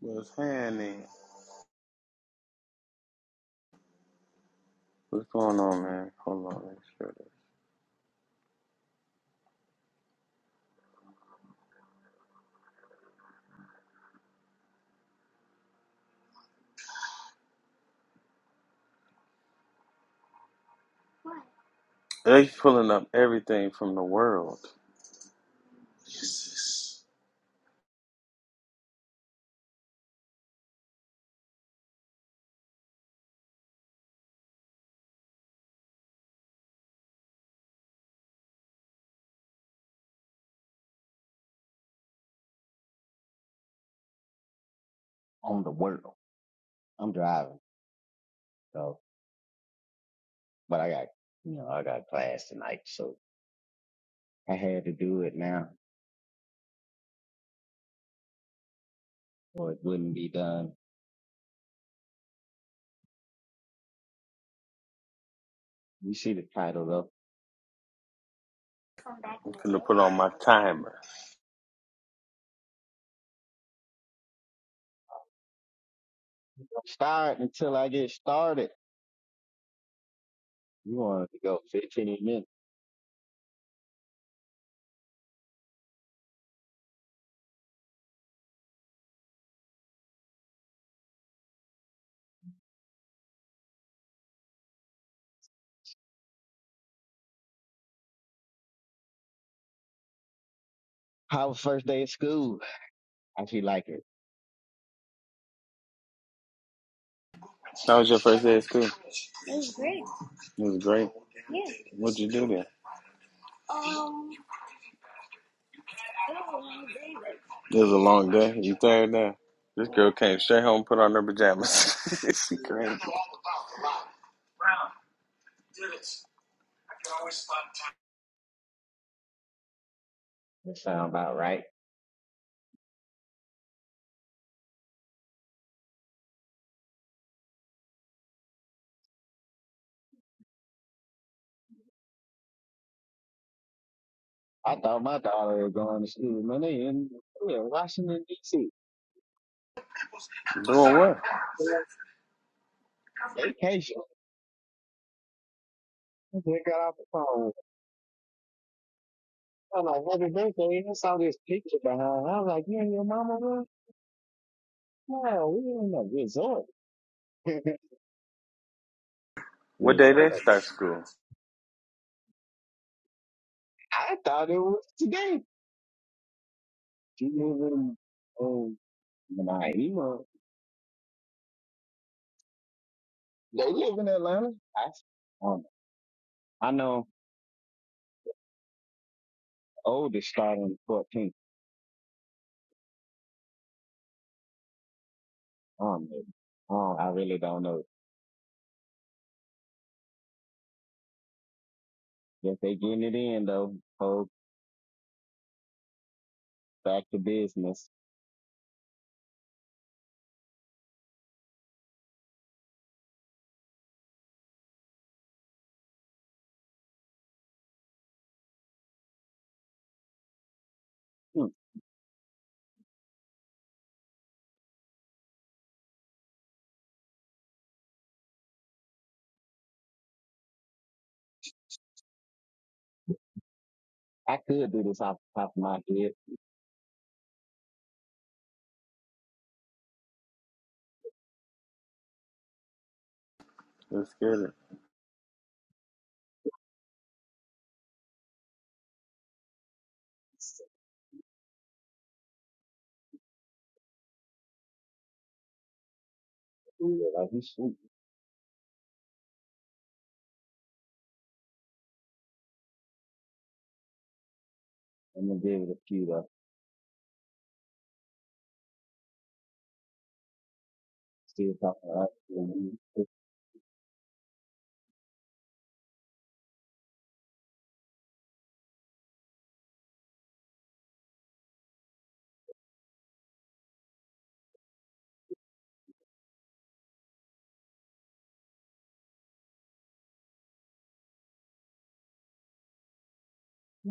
What's happening? What's going on, man? Hold on, make sure. That... They pulling up everything from the world. Jesus. on the world. I'm driving, so but I got you know I got class tonight, so I had to do it now, or it wouldn't be done. You see the title though. I'm gonna put on my timer. Start until I get started. You wanted to go 15 minutes. How was first day of school? I feel like it. How was your first day at school? It was great. It was great. Yeah. What'd you do there? Um, it was a long day. It was a long day. You tired now? This girl came straight home, put on her pajamas. she crazy. That sound about right. I thought my daughter was going to school. Man, they in they Washington D.C. Doing what? Vacation. They got off the phone. I'm like, happy birthday. I saw this picture behind. her. I was like, you and your mama? bro? No, we don't know. Result. What day they Result. start school? I thought it was today. She live in oh Naima. They live in Atlanta. I, s- I don't know. I know oldest starting on fourteenth. I don't know. I, don't- I really don't know. If they getting it in though, hold back to business. Hmm, I could do this off the top of my head. Let's get it. Like he's shooting. I'm gonna give it a few though. Still talking about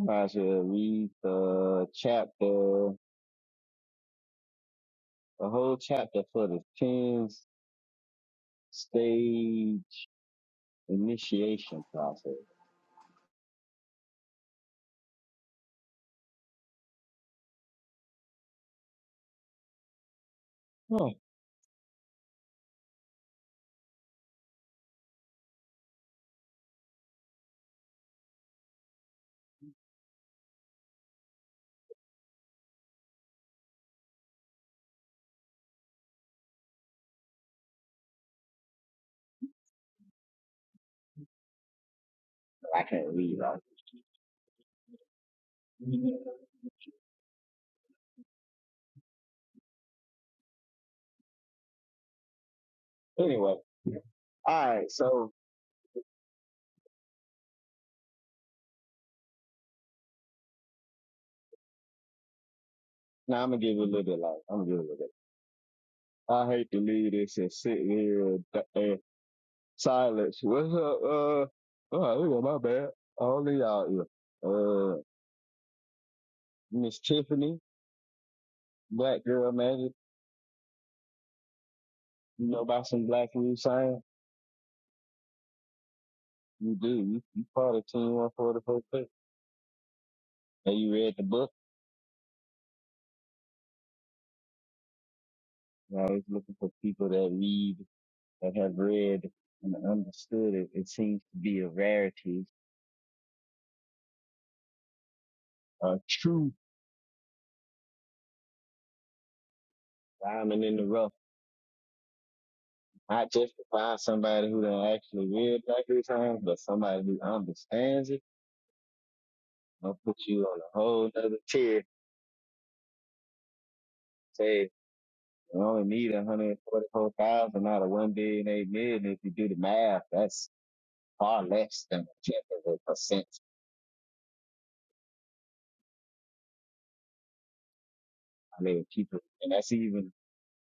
I should read the chapter a whole chapter for the 10 stage initiation process. Huh, I can't read all that. Anyway, all right, so now I'm gonna give it a little bit like, I'm gonna give it a little bit. I hate to leave this and sit here in th- in silence. What's up? Uh, oh, look at my bad. All of y'all here. Uh, Miss Tiffany, Black Girl Magic, you know about some Black Root Science? You do. You, you part of Team 144. Have you read the book? We're always looking for people that read, that have read and understood it. It seems to be a rarity, a true diamond in the rough. Not just to find somebody who done actually read Dr. Times, but somebody who understands it. I'll put you on a whole other tier. Say, you only need 144,000 out of 1 billion, eight million. If you do the math, that's far less than a tenth of a percent. I mean, people, and that's even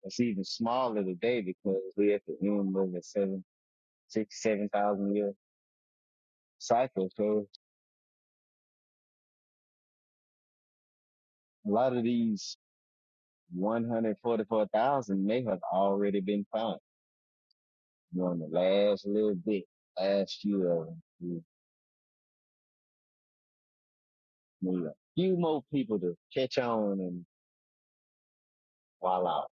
it's even smaller today because we are at the end of the 7.5 six, seven thousand year cycle. So a lot of these one hundred forty four thousand may have already been found during the last little bit, last few of them. You need a few more people to catch on and voila.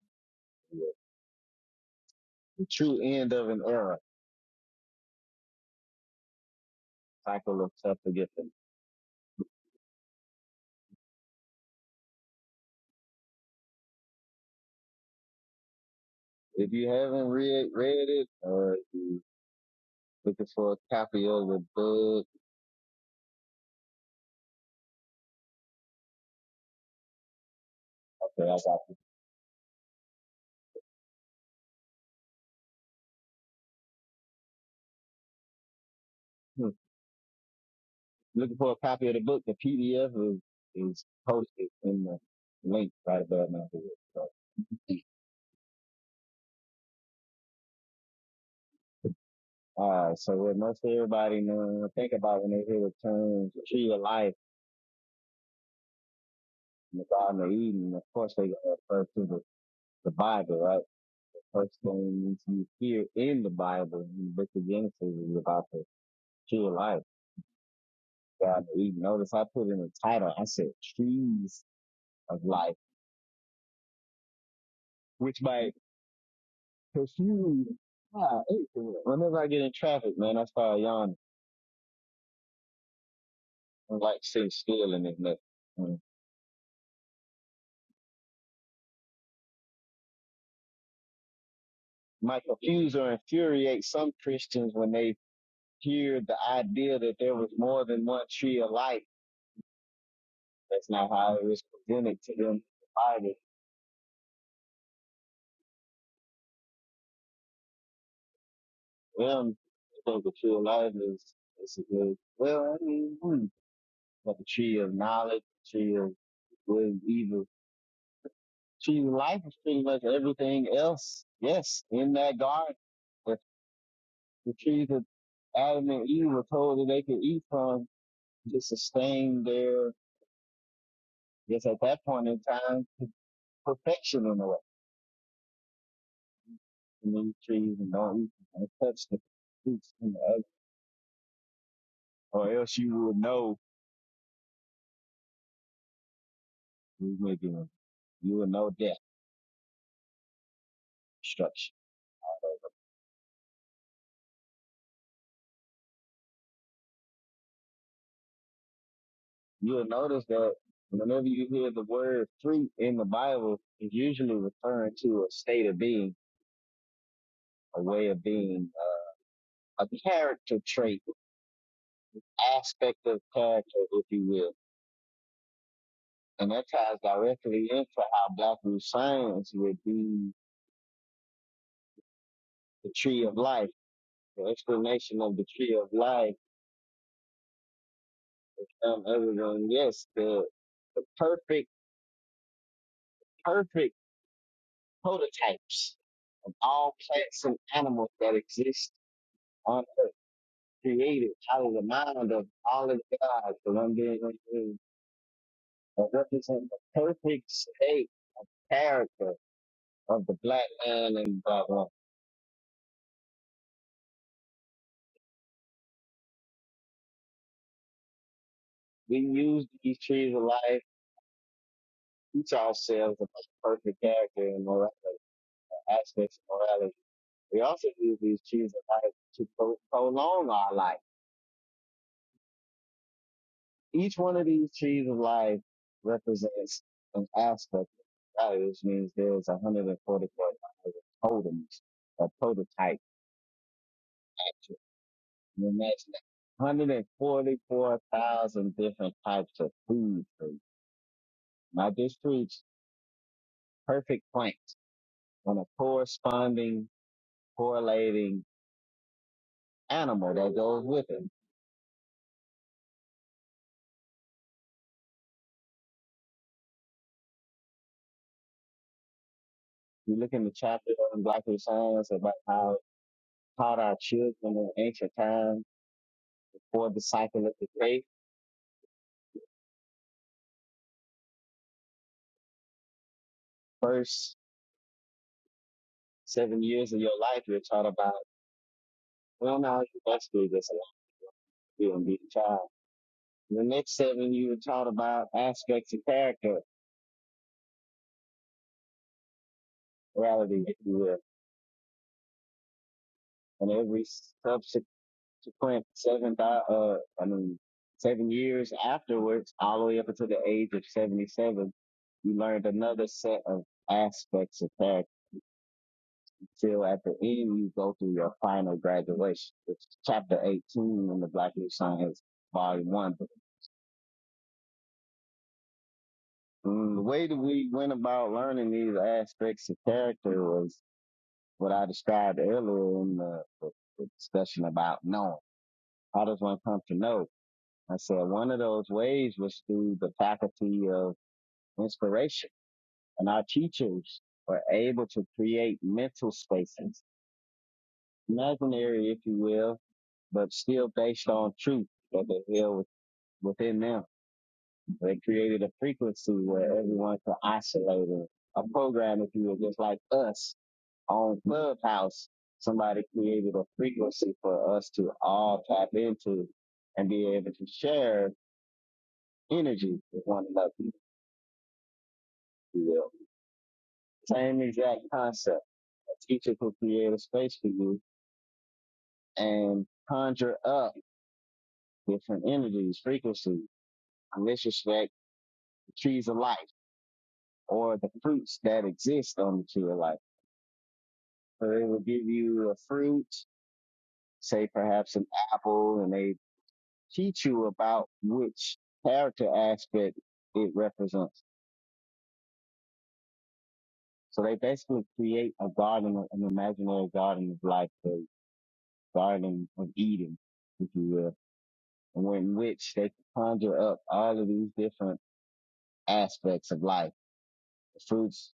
you know, The true end of an era. Cycle of stuff to get them. If you haven't read read it or if you looking for a copy of the book, okay, I got you. looking for a copy of the book, the PDF is, is posted in the link right above my head. So, uh, so what most everybody know, think about when they hear the terms tree of life in the Garden of Eden, of course they gonna refer to the, the Bible, right? The first thing you hear in the Bible, in the book of Genesis, is about the tree of life, Garden of Eden. Notice I put in the title, I said trees of life, which might confuse Ah, whenever I get in traffic, man, I start yawning. like say stealing and nothing. Mm. My confuse or infuriate some Christians when they hear the idea that there was more than one tree of life. That's not how it was presented to them by the them. They think the tree of life is is a good well, I mean hmm, but the tree of knowledge, the tree of good and evil. the Tree of life is pretty much everything else, yes, in that garden. The, the trees that Adam and Eve were told that they could eat from just sustain their, yes, at that point in time, p- perfection in a way. And these trees and don't eat and don't touch the fruits and the other, or else you will know we were doing. You will know death, destruction. You will notice that whenever you hear the word fruit in the Bible, it's usually referring to a state of being, a way of being, a a character trait, aspect of character, if you will. And that ties directly into how Black Root Science would be the tree of life, the explanation of the tree of life. Um, everyone, yes, the, the perfect, perfect prototypes of all plants and animals that exist on earth, created out of the mind of all of God, the one being unknown, that represent the perfect state character of the black man and blah blah. We use these trees of life, teach ourselves about perfect character and morality, aspects of morality We also use these trees of life to pro- prolong our life. Each one of these trees of life represents an aspect of society, which means there's 144 totems, a prototype. Can you Imagine that. 144,000 different types of food trees. Now this tree's perfect plant and a corresponding, correlating animal that goes with it. You look in the chapter on Black Science about how taught our children in ancient times before the cycle of the faith. First seven years of your life, you're taught about, well, now you must do this and you and be a child. The next seven, you were taught about aspects of character, morality, if you will. And every subsequent seven, uh, I mean, seven years afterwards, all the way up until the age of 77, you learned another set of aspects of character till at the end you go through your final graduation, which is chapter 18 in the Black New Science Volume 1. But, mm, the way that we went about learning these aspects of character was what I described earlier in the, the, discussion about knowing. How does one come to know? I said one of those ways was through the faculty of inspiration. And our teachers were able to create mental spaces, imaginary, if you will, but still based on truth that they held within them. They created a frequency where everyone could isolate it. A program, if you were just like us on Clubhouse, somebody created a frequency for us to all tap into and be able to share energy with one another. if you will. Same exact concept. A teacher could create a space for you and conjure up different energies, frequencies. In this respect, the trees of life or the fruits that exist on the tree of life So they will give you a fruit, say perhaps an apple, and they teach you about which character aspect it represents. So they basically create a garden, an imaginary garden of life, the garden of Eden, if you will, and in which they conjure up all of these different aspects of life, the fruits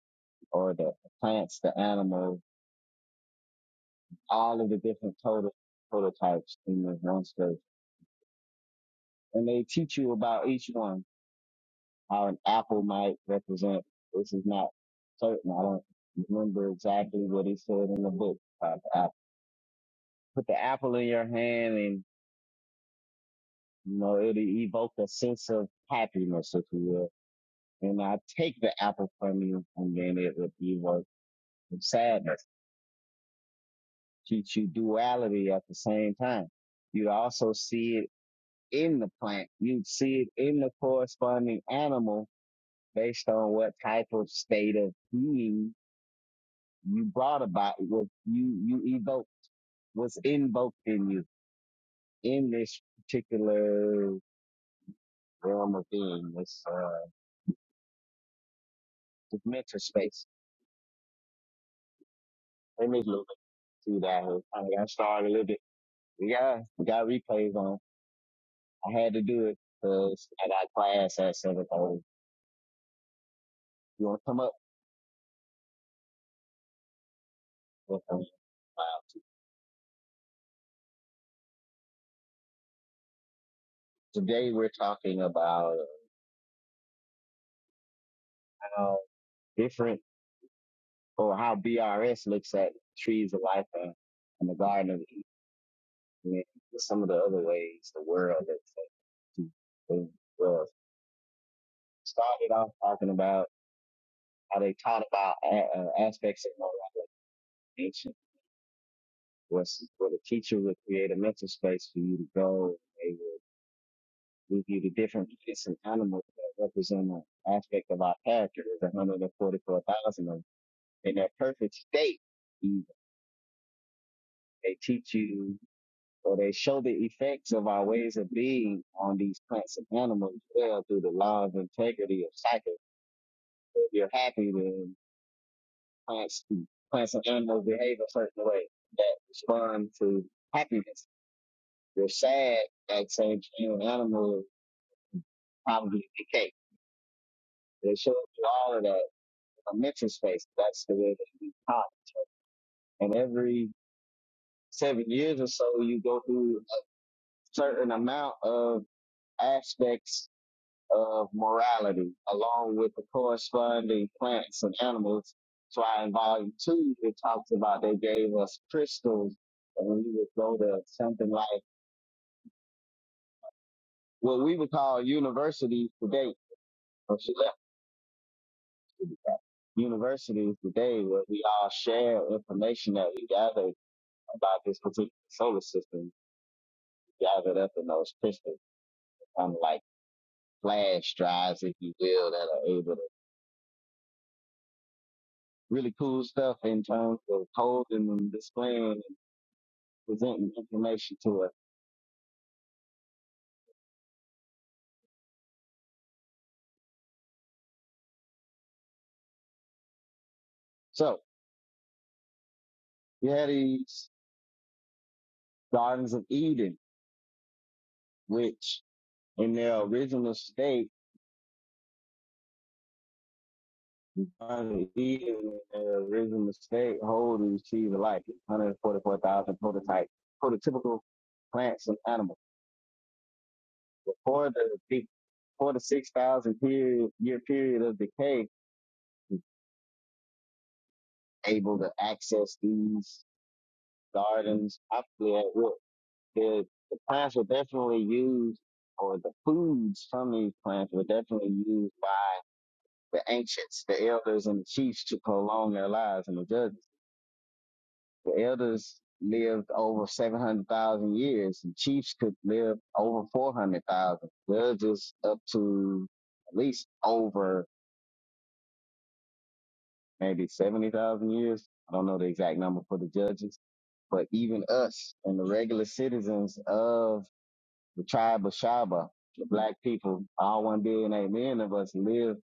or the plants, the animals, all of the different total, prototypes in this one space. And they teach you about each one how an apple might represent. This is not certain. I don't remember exactly what he said in the book about the apple. Put the apple in your hand and, you know, it'll evoke a sense of happiness, if you will. And I take the apple from you and then it would evoke some sadness. Teach you duality at the same time. You also see it in the plant. You see it in the corresponding animal based on what type of state of being you brought about what you you evoke what's invoked in you in this particular realm of being this uh this mental space. Let me look through that. I got started a little bit. We got we got replays on. I had to do it because I got class at seven thirty. You want to come up with them? Uh, Today we're talking about how different or how BRS looks at trees of life and, and the garden of Eden and some of the other ways the world looks. They uh, started off talking about how they taught about a- uh, aspects of moral education, was where the teacher would create a mental space for you to go. They would give you the different plants and animals that represent an aspect of our character. There's 144,000 of them in their perfect state. You- They teach you or they show the effects of our ways of being on these plants and animals as well through the law of integrity of cycle. If you're happy, then plants, plants and animals behave a certain way that respond to happiness. they are sad, like say you an animal probably decay. They show you all of that in a mental space. That's the way that we talk. And every seven years or so, you go through a certain amount of aspects of morality, along with the corresponding plants and animals. So in volume two, it talks about they gave us crystals and we would go to something like what we would call universities today, or she left to be fair, universities today where we all share information that we gathered about this particular solar system gathered up in those crystals, kind of like flash drives, if you will, that are able to really cool stuff in terms of holding and displaying and presenting information to us. So you had these Gardens of Eden, which in their original state Um, He uh, original state hold and achieve like 144,000 prototype prototypical plants and animals. Before the peak, before the 6,000 period, year period of decay, able to access these gardens optimally at will. The, the plants were definitely used, or the foods from these plants were definitely used by the ancients, the elders, and the chiefs to prolong their lives and the judges. The elders lived over 700,000 years, and chiefs could live over 400,000. Judges up to at least over maybe 70,000 years. I don't know the exact number for the judges, but even us and the regular citizens of the tribe of Shaba, the black people, all one billion men of us live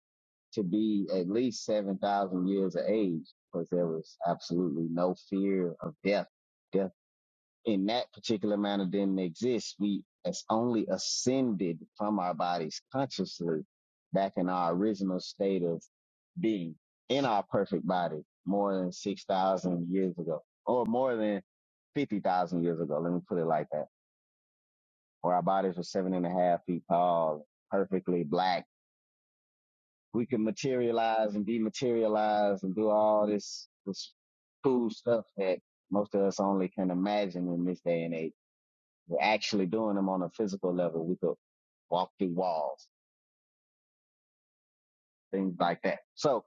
to be at least 7,000 years of age because there was absolutely no fear of death. death in that particular manner didn't exist. We it's only ascended from our bodies consciously back in our original state of being in our perfect body more than 6,000 years ago or more than 50,000 years ago. Let me put it like that. Where our bodies were seven and a half feet tall, perfectly black. We could materialize and dematerialize and do all this, this cool stuff that most of us only can imagine in this day and age we're actually doing them on a physical level. We could walk through walls, things like that. So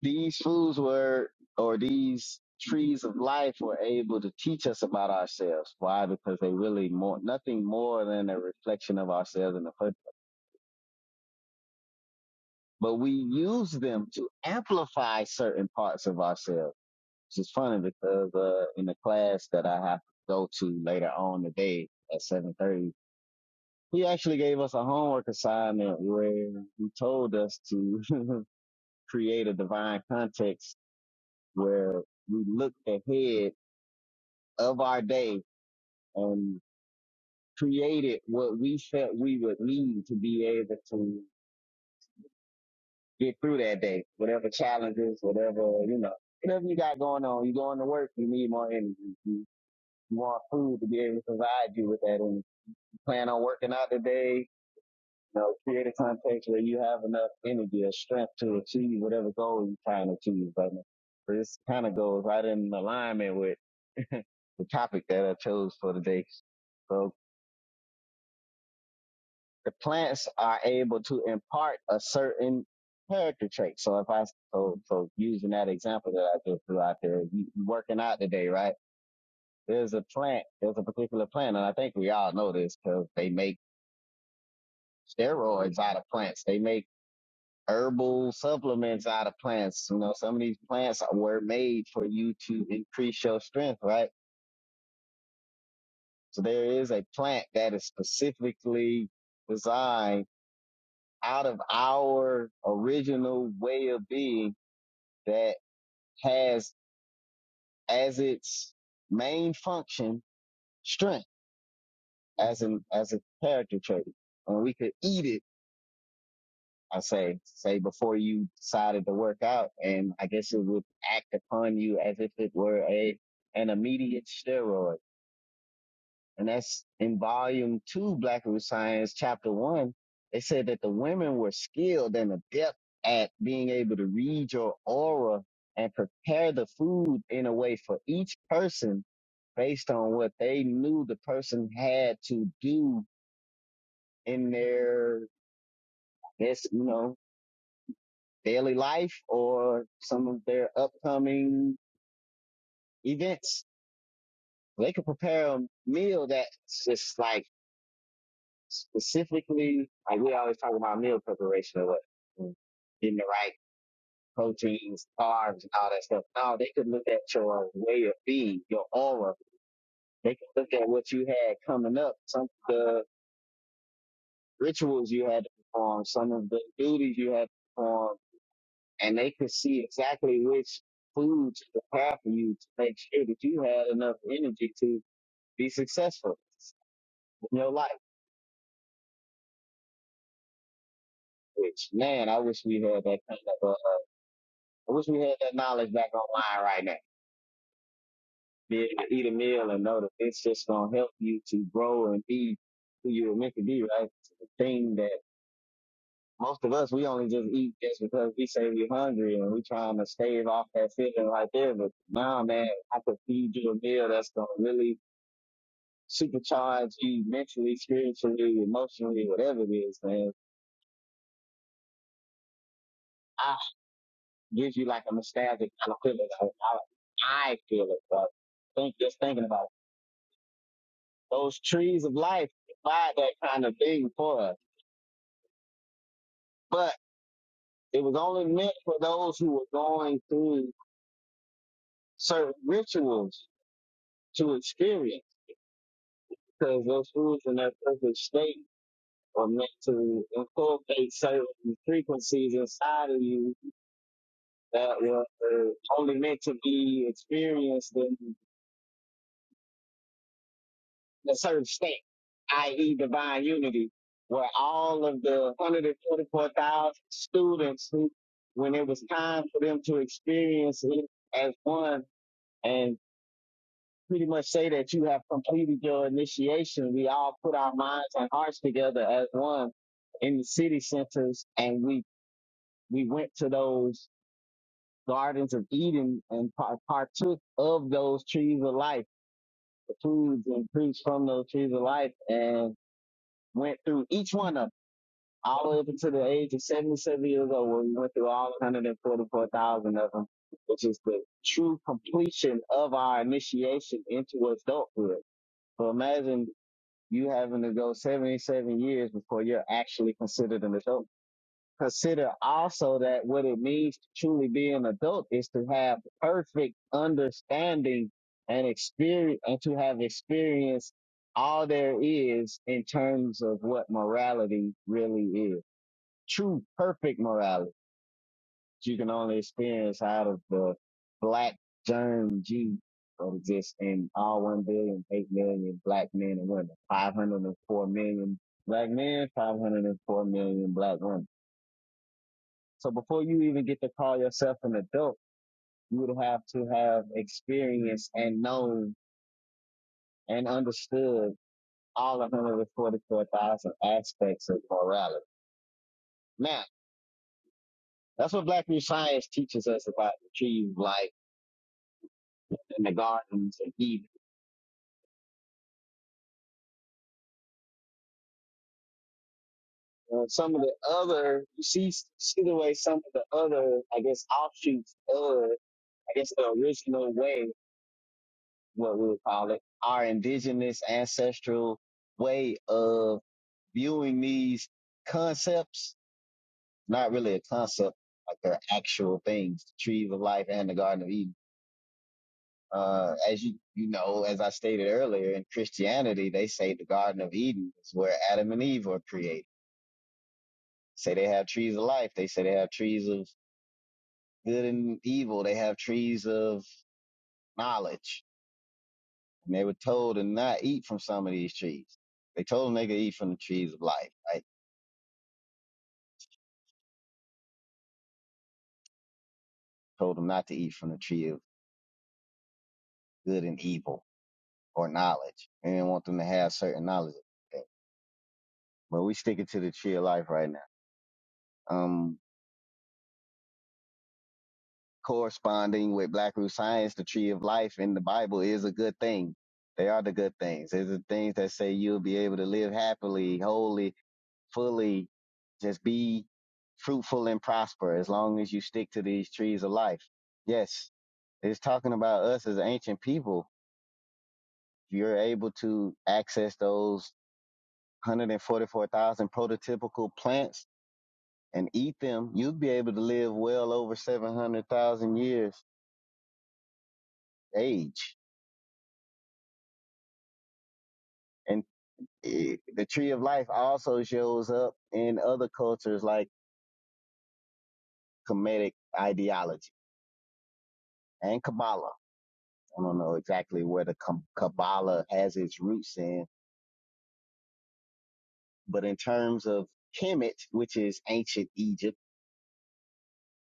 these foods were, or these trees of life were able to teach us about ourselves. Why? Because they really more, nothing more than a reflection of ourselves in the first. place. But we use them to amplify certain parts of ourselves, which is funny because, uh, in the class that I have to go to later on today at 7:30 He actually gave us a homework assignment where he told us to create a divine context where we looked ahead of our day and created what we felt we would need to be able to get through that day, whatever challenges, whatever, you know, whatever you got going on. you going to work, you need more energy. You, you want food to be able to provide you with that energy. You plan on working out today, You know, create a context where you have enough energy or strength to achieve whatever goal you're trying to achieve, but this kind of goes right in alignment with the topic that I chose for the day. So the plants are able to impart a certain character trait. So if I so so using that example that I just threw out there, you you working out today, right? There's a plant, there's a particular plant, and I think we all know this because they make steroids out of plants. They make herbal supplements out of plants. You know, some of these plants were made for you to increase your strength, right? So there is a plant that is specifically designed out of our original way of being that has as its main function strength as an as a character trait. And we could eat it I say, say before you decided to work out, and I guess it would act upon you as if it were a an immediate steroid. And that's in volume two, Black Root Science, chapter one. They said that the women were skilled and adept at being able to read your aura and prepare the food in a way for each person based on what they knew the person had to do in their this, you know, daily life or some of their upcoming events. They could prepare a meal that's just like specifically, like we always talk about meal preparation or what, mm, getting the right proteins, carbs, and all that stuff. No, they could look at your way of being, your aura. They could look at what you had coming up, some of the rituals you had to perform, some of the duties you had to perform and they could see exactly which foods to prepare for you to make sure that you had enough energy to be successful in your life. Which man, I wish we had that kind of. Uh, I wish we had that knowledge back online right now. Be able to eat a meal and know that it's just gonna help you to grow and be who you were meant to be. Right, the thing that most of us we only just eat just because we say we're hungry and we trying to stave off that feeling right there. But now, man, I could feed you a meal that's gonna really supercharge you mentally, spiritually, emotionally, whatever it is, man. I gives you like a nostalgic kind of feeling. Like, I, I feel it, bro. Think just thinking about it. those trees of life provide that kind of thing for us, but it was only meant for those who were going through certain rituals to experience, because those foods in their perfect state are meant to inculcate certain frequencies inside of you that were only meant to be experienced in a certain state, i.e. divine unity, where all of the 144,000 students who, when it was time for them to experience it as one and pretty much say that you have completed your initiation, we all put our minds and hearts together as one in the city centers and we, we went to those gardens of Eden and partook of those trees of life the foods and preached from those trees of life and went through each one of them all the way up to the age of 77 years old where we went through all 144,000 of them, which is the true completion of our initiation into adulthood. So imagine you having to go 77 years before you're actually considered an adult consider also that what it means to truly be an adult is to have perfect understanding and experience and to have experienced all there is in terms of what morality really is. True perfect morality that you can only experience out of the black germ G that exists in all one billion eight million black men and women, 504 million black men, 504 million black women so before you even get to call yourself an adult, you would have to have experienced and known and understood all 144,000 aspects of morality. Now, that's what Black New Science teaches us about the trees, like in the gardens and Eden. And some of the other, you see, see the way some of the other, I guess, offshoots of, I guess, the original way, what we would call it, our indigenous ancestral way of viewing these concepts, not really a concept, like they're actual things, the tree of life and the Garden of Eden. Uh, as you, you know, as I stated earlier, in Christianity, they say the Garden of Eden is where Adam and Eve were created. Say they have trees of life. They say they have trees of good and evil. They have trees of knowledge. And they were told to not eat from some of these trees. They told them they could eat from the trees of life, right? Told them not to eat from the tree of good and evil or knowledge. We didn't want them to have certain knowledge. of that. But we sticking to the tree of life right now. Um, corresponding with Black Root Science, the tree of life in the Bible is a good thing. They are the good things. They're the things that say you'll be able to live happily, wholly, fully, just be fruitful and prosper as long as you stick to these trees of life. Yes, it's talking about us as ancient people. You're able to access those 144,000 prototypical plants and eat them, you'll be able to live well over 700,000 years age. And eh, the tree of life also shows up in other cultures like Kemetic ideology and Kabbalah. I don't know exactly where the Kabbalah has its roots in, but in terms of Kemet, which is ancient Egypt,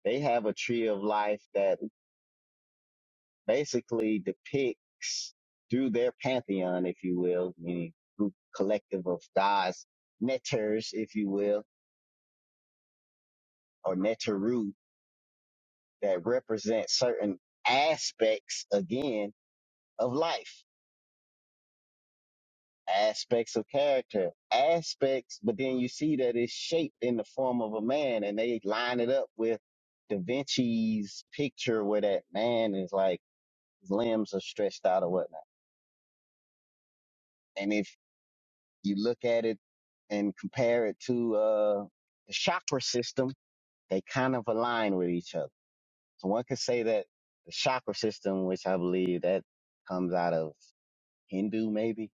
they have a tree of life that. basically depicts through their pantheon, if you will, meaning group collective of gods, neters, if you will, or neteru that represent certain aspects again of life, aspects of character, aspects, but then you see that it's shaped in the form of a man and they line it up with Da Vinci's picture where that man is like, his limbs are stretched out or whatnot. and if. You look at it and compare it to uh, the chakra system. They kind of align with each other. So one could say that the chakra system, which I believe that comes out of Hindu, maybe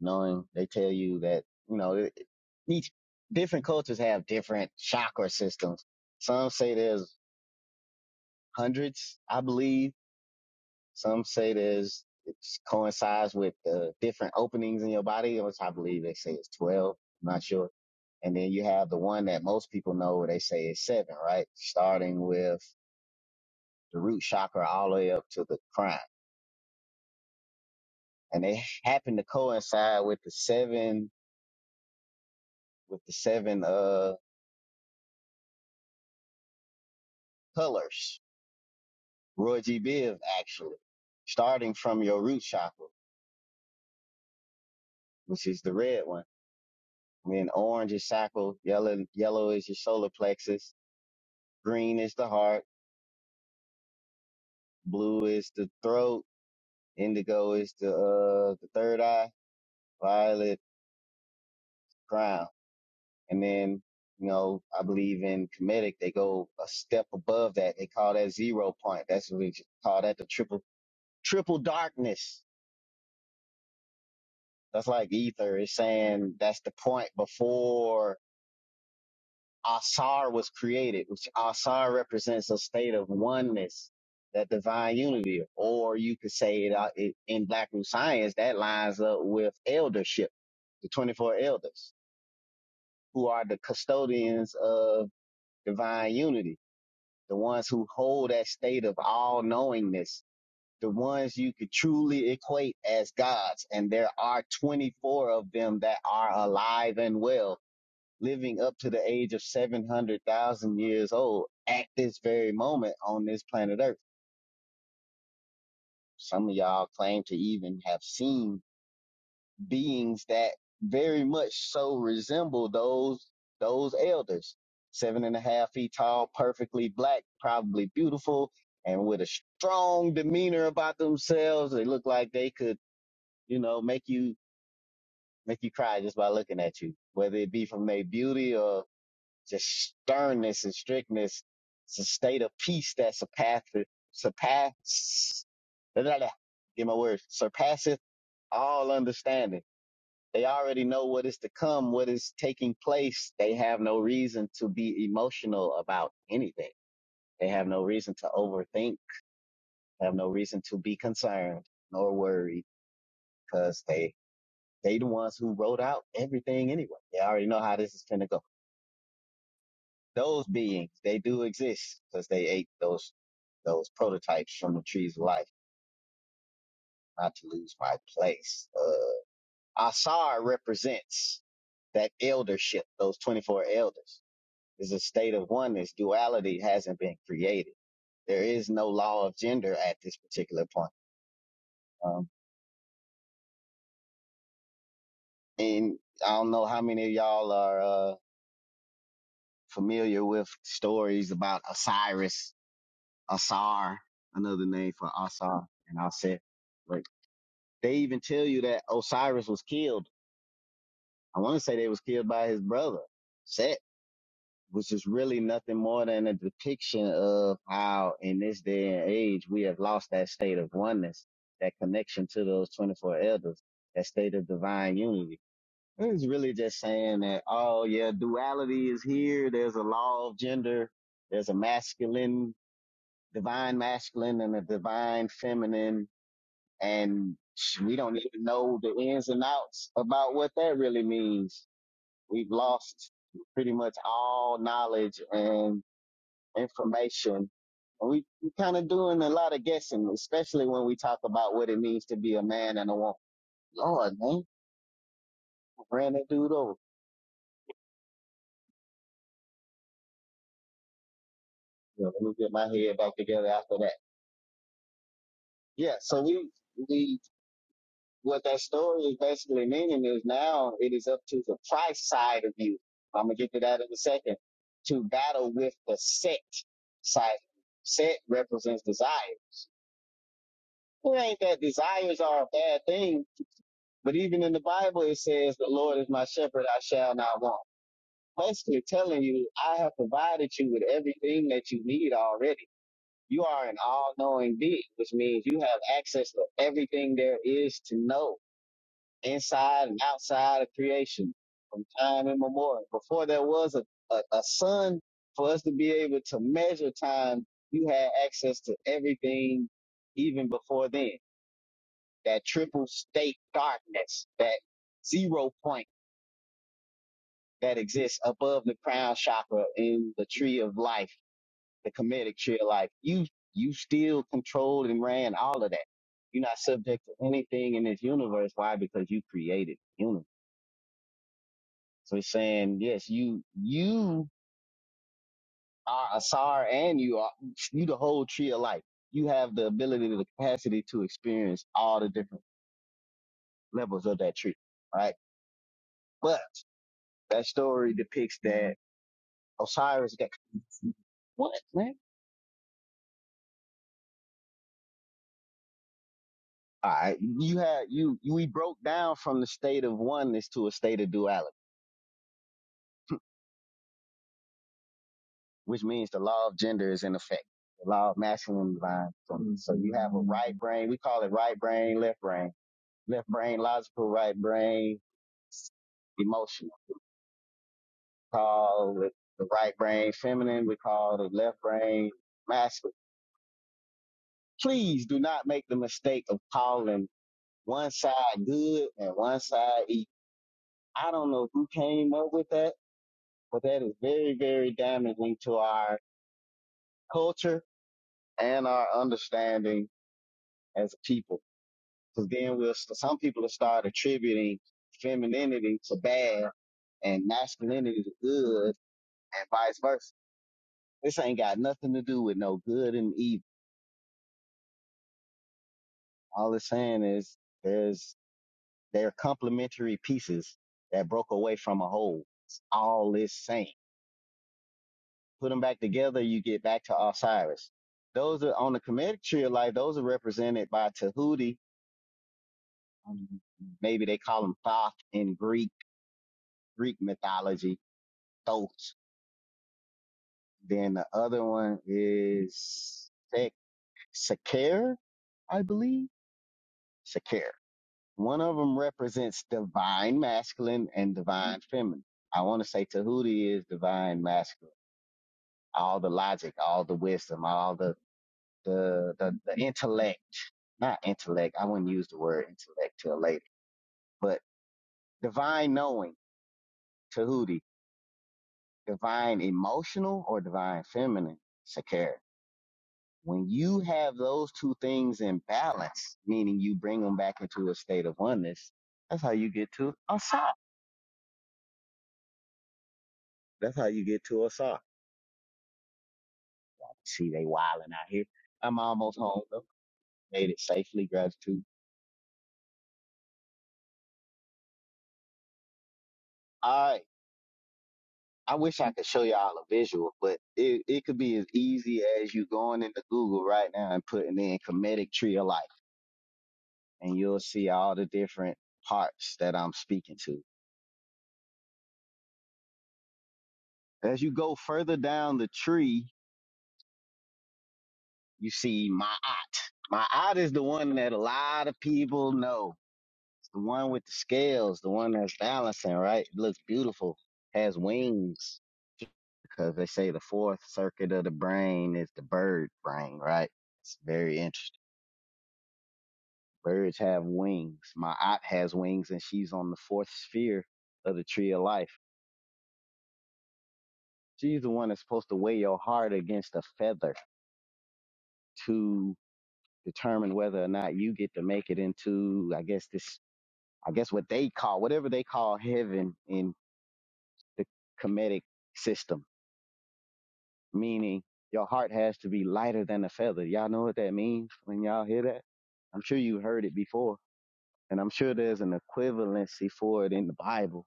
knowing they tell you that you know it- it- each different cultures have different chakra systems. Some say there's hundreds, I believe Some say there's it coincides with the different openings in your body, which I believe they say is 12. I'm not sure. And then you have the one that most people know where they say is seven, right? Starting with the root chakra all the way up to the crown. And they happen to coincide with the seven, with the seven, uh, colors. Roy G. Biv actually, starting from your root chakra, which is the red one. And then orange is sacral, yellow, yellow is your solar plexus, green is the heart, Blue is the throat. Indigo is the uh the third eye. Violet crown. And then you know I believe in comedic they go a step above that. They call that zero point. That's what we call that the triple triple darkness. That's like ether is saying that's the point before Asar was created, which Asar represents a state of oneness, that divine unity, or you could say it, uh, it in Black Root science that lines up with eldership, the 24 elders who are the custodians of divine unity, the ones who hold that state of all knowingness, the ones you could truly equate as gods. And there are 24 of them that are alive and well living up to the age of 700,000 years old at this very moment on this planet Earth. Some of y'all claim to even have seen beings that very much so resemble those, those elders. Seven and a half feet tall, perfectly black, probably beautiful, and with a strong demeanor about themselves. They look like they could, you know, make you, make you cry just by looking at you, whether it be from their beauty or Just sternness and strictness. It's a state of peace that surpasses, surpass, blah, blah, blah. get my words, surpasseth all understanding. They already know what is to come, what is taking place. They have no reason to be emotional about anything. They have no reason to overthink, have no reason to be concerned nor worried because they, they the ones who wrote out everything anyway. They already know how this is going to go. Those beings, they do exist because they ate those those prototypes from the trees of life. Not to lose my place. Uh, Asar represents that eldership. Those twenty four elders is a state of oneness. Duality hasn't been created. There is no law of gender at this particular point. Um, and I don't know how many of y'all are uh, familiar with stories about Osiris, Asar, another name for Asar and Aset. They even tell you that Osiris was killed. I want to say they was killed by his brother, Set, which is really nothing more than a depiction of how in this day and age we have lost that state of oneness, that connection to those 24 elders, that state of divine unity. It's really just saying that, oh yeah, duality is here. There's a law of gender. There's a masculine, divine masculine and a divine feminine and we don't even know the ins and outs about what that really means. We've lost pretty much all knowledge and information. And we, we kind of doing a lot of guessing, especially when we talk about what it means to be a man and a woman. Lord, man, ran that dude over. You know, let me get my head back together after that. Yeah, so we, we what that story is basically meaning is now it is up to the Christ side of you. I'm gonna get to that in a second. To battle with the set side. Set represents desire. Well, It ain't that desires are a bad thing, but even in the Bible it says, "The Lord is my shepherd; I shall not want." Basically, telling you, I have provided you with everything that you need already. You are an all-knowing being, which means you have access to everything there is to know inside and outside of creation from time immemorial. Before there was a, a, a sun, for us to be able to measure time, you had access to everything even before then. That triple state darkness, that zero point that exists above the crown chakra in the tree of life, the comedic tree of life. You you still controlled and ran all of that. You're not subject to anything in this universe. Why? Because you created the universe. So he's saying, yes, you you are Asar and you are you the whole tree of life. You have the ability, the capacity to experience all the different levels of that tree, right? But that story depicts that Osiris got what man? All right, you had you, you we broke down from the state of oneness to a state of duality, which means the law of gender is in effect. The law of masculine divine. feminine. So you have a right brain, we call it right brain, left brain, left brain, logical right brain, emotional. We call it the right brain feminine. We call the left brain masculine. Please do not make the mistake of calling one side good and one side evil. I don't know who came up with that, but that is very, very damaging to our culture and our understanding as a people. Because then we'll, some people will start attributing femininity to bad and masculinity to good and vice versa. This ain't got nothing to do with no good and evil All it's saying is there's they're complementary pieces that broke away from a whole. It's all it's saying. Put them back together, you get back to Osiris. Those are on the comedic tree of life. Those are represented by Tahuti. Um, Maybe they call them Thoth in Greek Greek mythology. Thoth. Then the other one is Sek Seker, I believe. Seker. One of them represents divine masculine and divine feminine. I want to say Tahuti is divine masculine. All the logic, all the wisdom, all the, the, the, the intellect, not intellect. I wouldn't use the word intellect till later, but divine knowing, Tahuti, divine emotional or divine feminine, Sakara. When you have those two things in balance, meaning you bring them back into a state of oneness, that's how you get to Asa. That's how you get to Asa. See, they wilding out here. I'm almost home though. Made it safely, gratitude. All right. I wish I could show y'all a visual, but it, it could be as easy as you going into Google right now and putting in comedic tree of life, and you'll see all the different parts that I'm speaking to. As you go further down the tree, you see my ot. My ot is the one that a lot of people know. It's the one with the scales, the one that's balancing, right? It looks beautiful, has wings because they say the fourth circuit of the brain is the bird brain, right? It's very interesting. Birds have wings. My aunt has wings and she's on the fourth sphere of the tree of life. She's the one that's supposed to weigh your heart against a feather to determine whether or not you get to make it into, I guess this, I guess what they call, whatever they call heaven in the comedic system meaning your heart has to be lighter than a feather. Y'all know what that means when y'all hear that? I'm sure you heard it before, and I'm sure there's an equivalency for it in the Bible.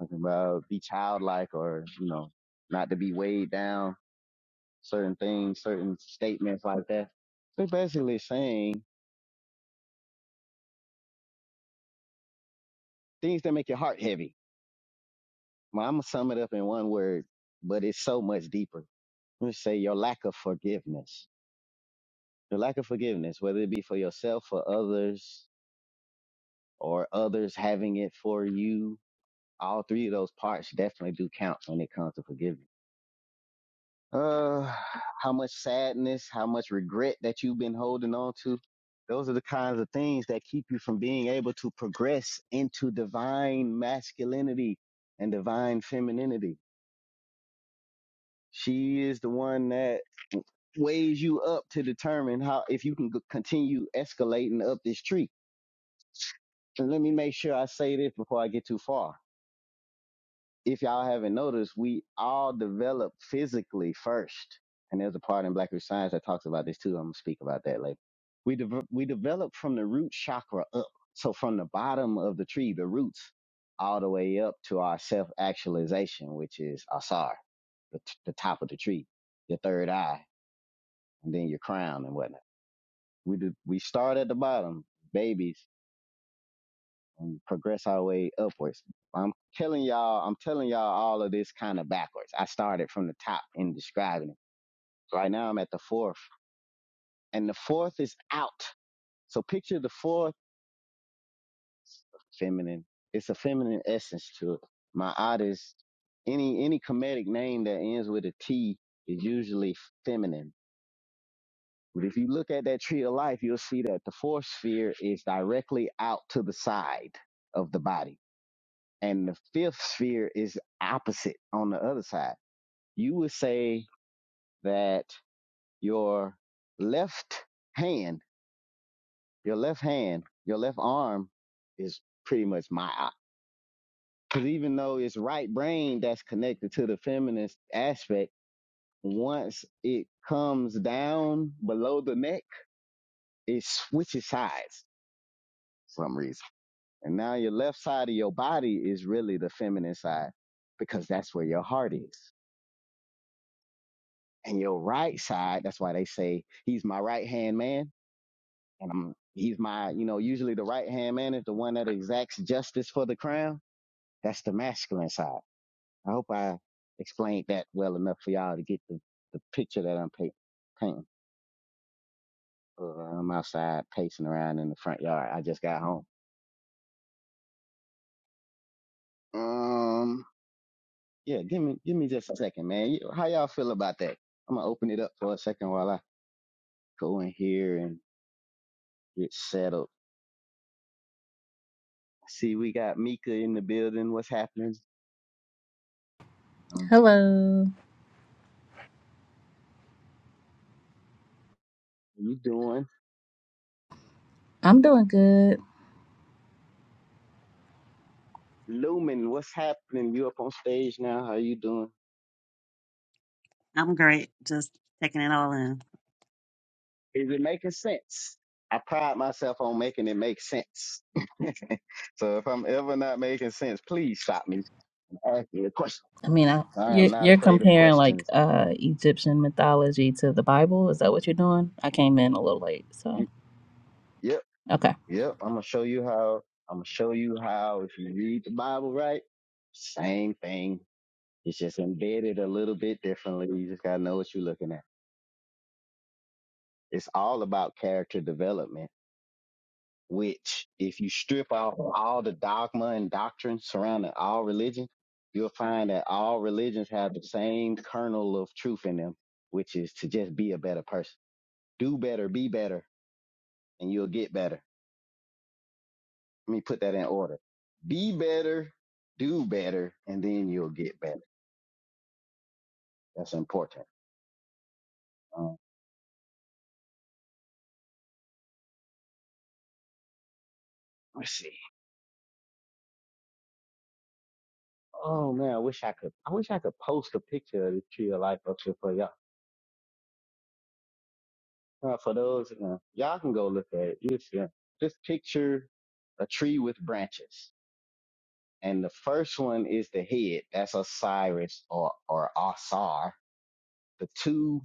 Talking about be childlike or, you know, not to be weighed down, certain things, certain statements like that. They're basically saying things that make your heart heavy. Well, I'm going to sum it up in one word, but it's so much deeper. Let's say your lack of forgiveness. Your lack of forgiveness, whether it be for yourself or others, or others having it for you. All three of those parts definitely do count when it comes to forgiveness. Uh, how much sadness, how much regret that you've been holding on to. Those are the kinds of things that keep you from being able to progress into divine masculinity and divine femininity. She is the one that weighs you up to determine how, if you can g- continue escalating up this tree. And let me make sure I say this before I get too far if y'all haven't noticed, we all develop physically first. And there's a part in Blackish Science that talks about this too. I'm gonna speak about that later. We de- we develop from the root chakra up, so from the bottom of the tree, the roots, all the way up to our self actualization, which is asar, the, t- the top of the tree, your third eye, and then your crown and whatnot. We do, we start at the bottom, babies and progress our way upwards. I'm telling y'all, I'm telling y'all all of this kind of backwards. I started from the top in describing it. Right now I'm at the fourth, and the fourth is out. So picture the fourth feminine. It's a feminine essence to it. My artist, any any comedic name that ends with a T is usually feminine. But if you look at that tree of life, you'll see that the fourth sphere is directly out to the side of the body And the fifth sphere is opposite on the other side. You would say that your left hand, your left hand, your left arm is pretty much my eye. Because even though it's right brain that's connected to the feminist aspect, once it comes down below the neck, it switches sides for some reason. And now your left side of your body is really the feminine side because that's where your heart is. and your right side that's why they say he's my right hand man and i'm he's my you know usually the right hand man is the one that exacts justice for the crown that's the masculine side i hope i explained that well enough for y'all to get the, the picture that i'm pa- painting uh, i'm outside pacing around in the front yard i just got home um yeah give me give me just a second man You- how y'all feel about that i'm gonna open it up for a second while i go in here and get settled See, we got Mika in the building. What's happening? Um, Hello. how you doing? I'm doing good. Lumen, what's happening? You up on stage now? How you doing? I'm great. Just taking it all in. Is it making sense? I pride myself on making it make sense. so if I'm ever not making sense, please stop me from asking a question. I mean, I, I am you're, not you're afraid of comparing like questions. uh Egyptian mythology to the Bible. Is that what you're doing? I came in a little late, You- so Yep, okay. yep. I'm gonna show you how. I'm gonna show you how. If you read the Bible right, same thing. It's just embedded a little bit differently. You just gotta know what you're looking at. It's all about character development, which if you strip off all the dogma and doctrine surrounding all religion, you'll find that all religions have the same kernel of truth in them, which is to just be a better person. Do better, be better, and you'll get better. Let me put that in order. Be better, do better, and then you'll get better. That's important. Um, let's see. Oh man, I wish I could. I wish I could post a picture of the tree of life up here for y'all. Uh, for those, uh, y'all can go look at it. You see, just picture a tree with branches, and the first one is the head. That's Osiris or or Osar. The two,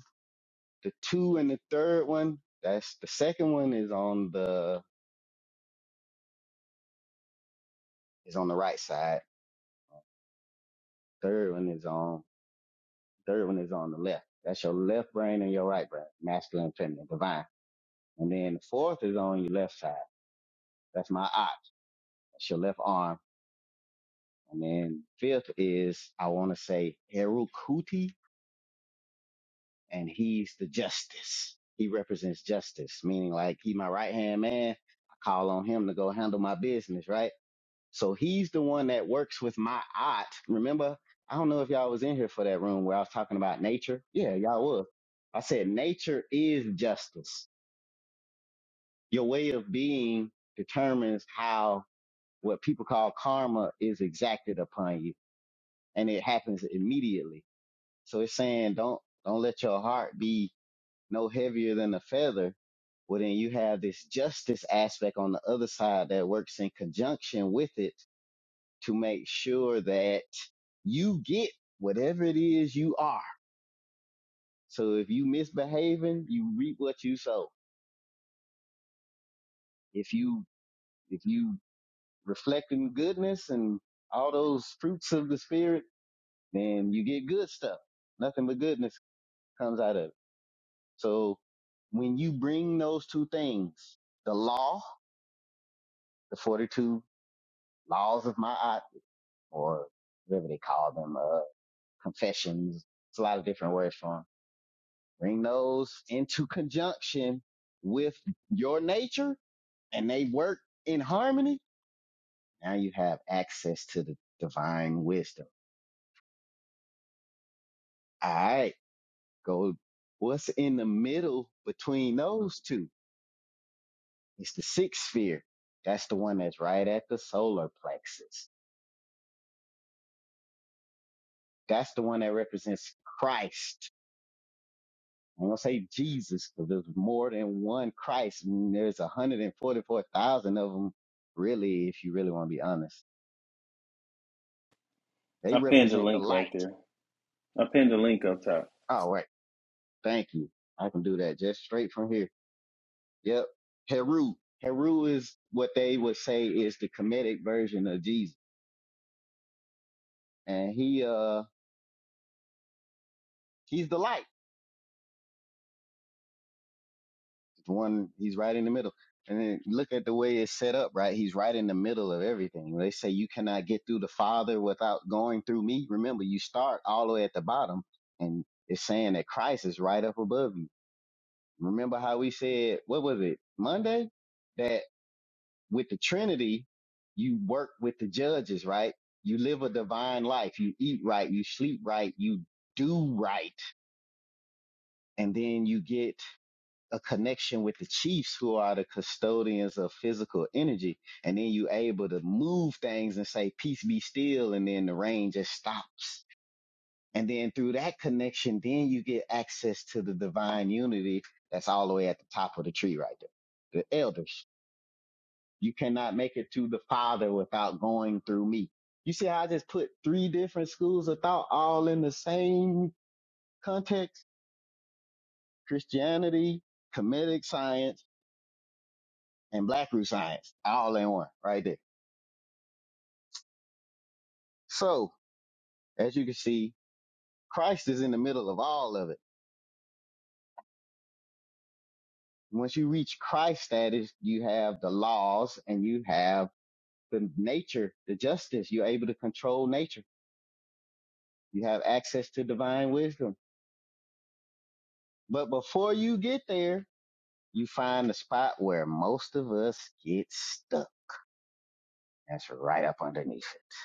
the two, and the third one. That's the second one is on the is on the right side. Third one is on third one is on the left. That's your left brain and your right brain, masculine, feminine, divine. And then the fourth is on your left side. That's my ox. That's your left arm And then fifth is, I want to say Erukuti, and he's the justice. He represents justice, meaning like he my right hand man. I call on him to go handle my business, right? So he's the one that works with my aunt. Remember, I don't know if y'all was in here for that room where I was talking about nature. Yeah, y'all was. I said nature is justice. Your way of being determines how what people call karma is exacted upon you, and it happens immediately. So it's saying don't don't let your heart be no heavier than a feather. Well, then you have this justice aspect on the other side that works in conjunction with it to make sure that you get whatever it is you are. So if you misbehaving, you reap what you sow. If you if you reflecting goodness and all those fruits of the spirit, then you get good stuff. Nothing but goodness comes out of it. So when you bring those two things, the law, the 42 laws of Ma'at, or whatever they call them, uh, confessions, it's a lot of different words for them. Bring those into conjunction with your nature and they work in harmony. Now you have access to the divine wisdom. All right. Go. What's in the middle between those two? It's the sixth sphere. That's the one that's right at the solar plexus That's the one that represents Christ. I'm gonna say Jesus, because there's more than one Christ. I mean, there's 144,000 of them, really, if you really want to be honest. They I pinned the represent the link light. right there. I pinned the link up top. All right. Thank you. I can do that just straight from here. Yep. Heru. Heru is what they would say is the comedic version of Jesus. And he, uh, he's the light. The one he's right in the middle. And then look at the way it's set up, right? He's right in the middle of everything. They say you cannot get through the Father without going through me. Remember, you start all the way at the bottom, and it's saying that Christ is right up above you. Remember how we said, what was it, Monday? That with the Trinity, you work with the judges, right? You live a divine life. You eat right. You sleep right. You do right. And then you get a connection with the chiefs who are the custodians of physical energy. And then you able to move things and say, peace be still. And then the rain just stops. And then through that connection, then you get access to the divine unity that's all the way at the top of the tree right there. The elders. You cannot make it to the father without going through me. You see how I just put three different schools of thought all in the same context? Christianity, comedic science, and Black Root Science all in one right there. So as you can see, Christ is in the middle of all of it. Once you reach Christ status, you have the laws and you have the nature, the justice. You're able to control nature. You have access to divine wisdom. But before you get there, you find the spot where most of us get stuck. That's right up underneath it.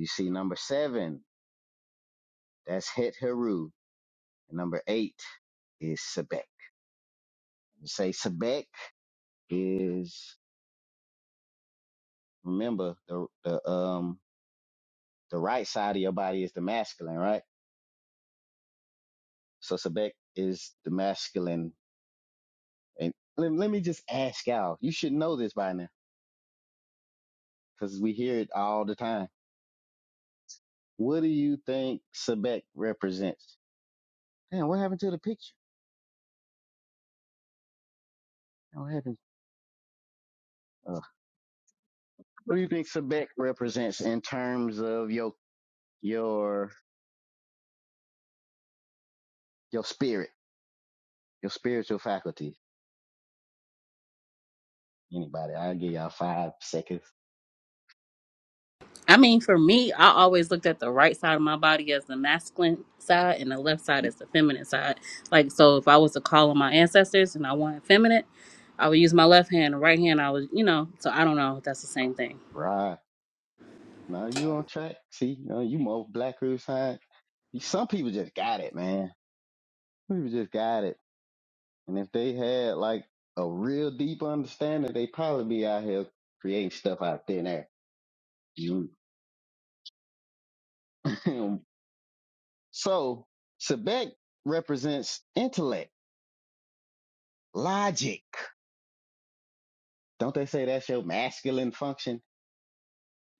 You see number seven, that's Het Heru. And number eight is Sebek. You say Sebek is remember the the um the right side of your body is the masculine, right? So Sebek is the masculine. And let, let me just ask y'all. You should know this by now because we hear it all the time. What do you think Sebek represents? Damn, what happened to the picture? Damn, What happened? Uh, what do you think Sebek represents in terms of your your your spirit, your spiritual faculty? Anybody? I'll give y'all five seconds. I mean, for me, I always looked at the right side of my body as the masculine side and the left side as the feminine side. Like, so if I was to call on my ancestors and I wanted feminine, I would use my left hand, the right hand, I would, you know, so I don't know if that's the same thing. Right. Now you on track. See, you, know, you more Black Earth Science. Some people just got it, man. Some People just got it. And if they had like a real deep understanding, they probably be out here creating stuff out thin air. You- so Sebek represents intellect, logic. Don't they say that's your masculine function?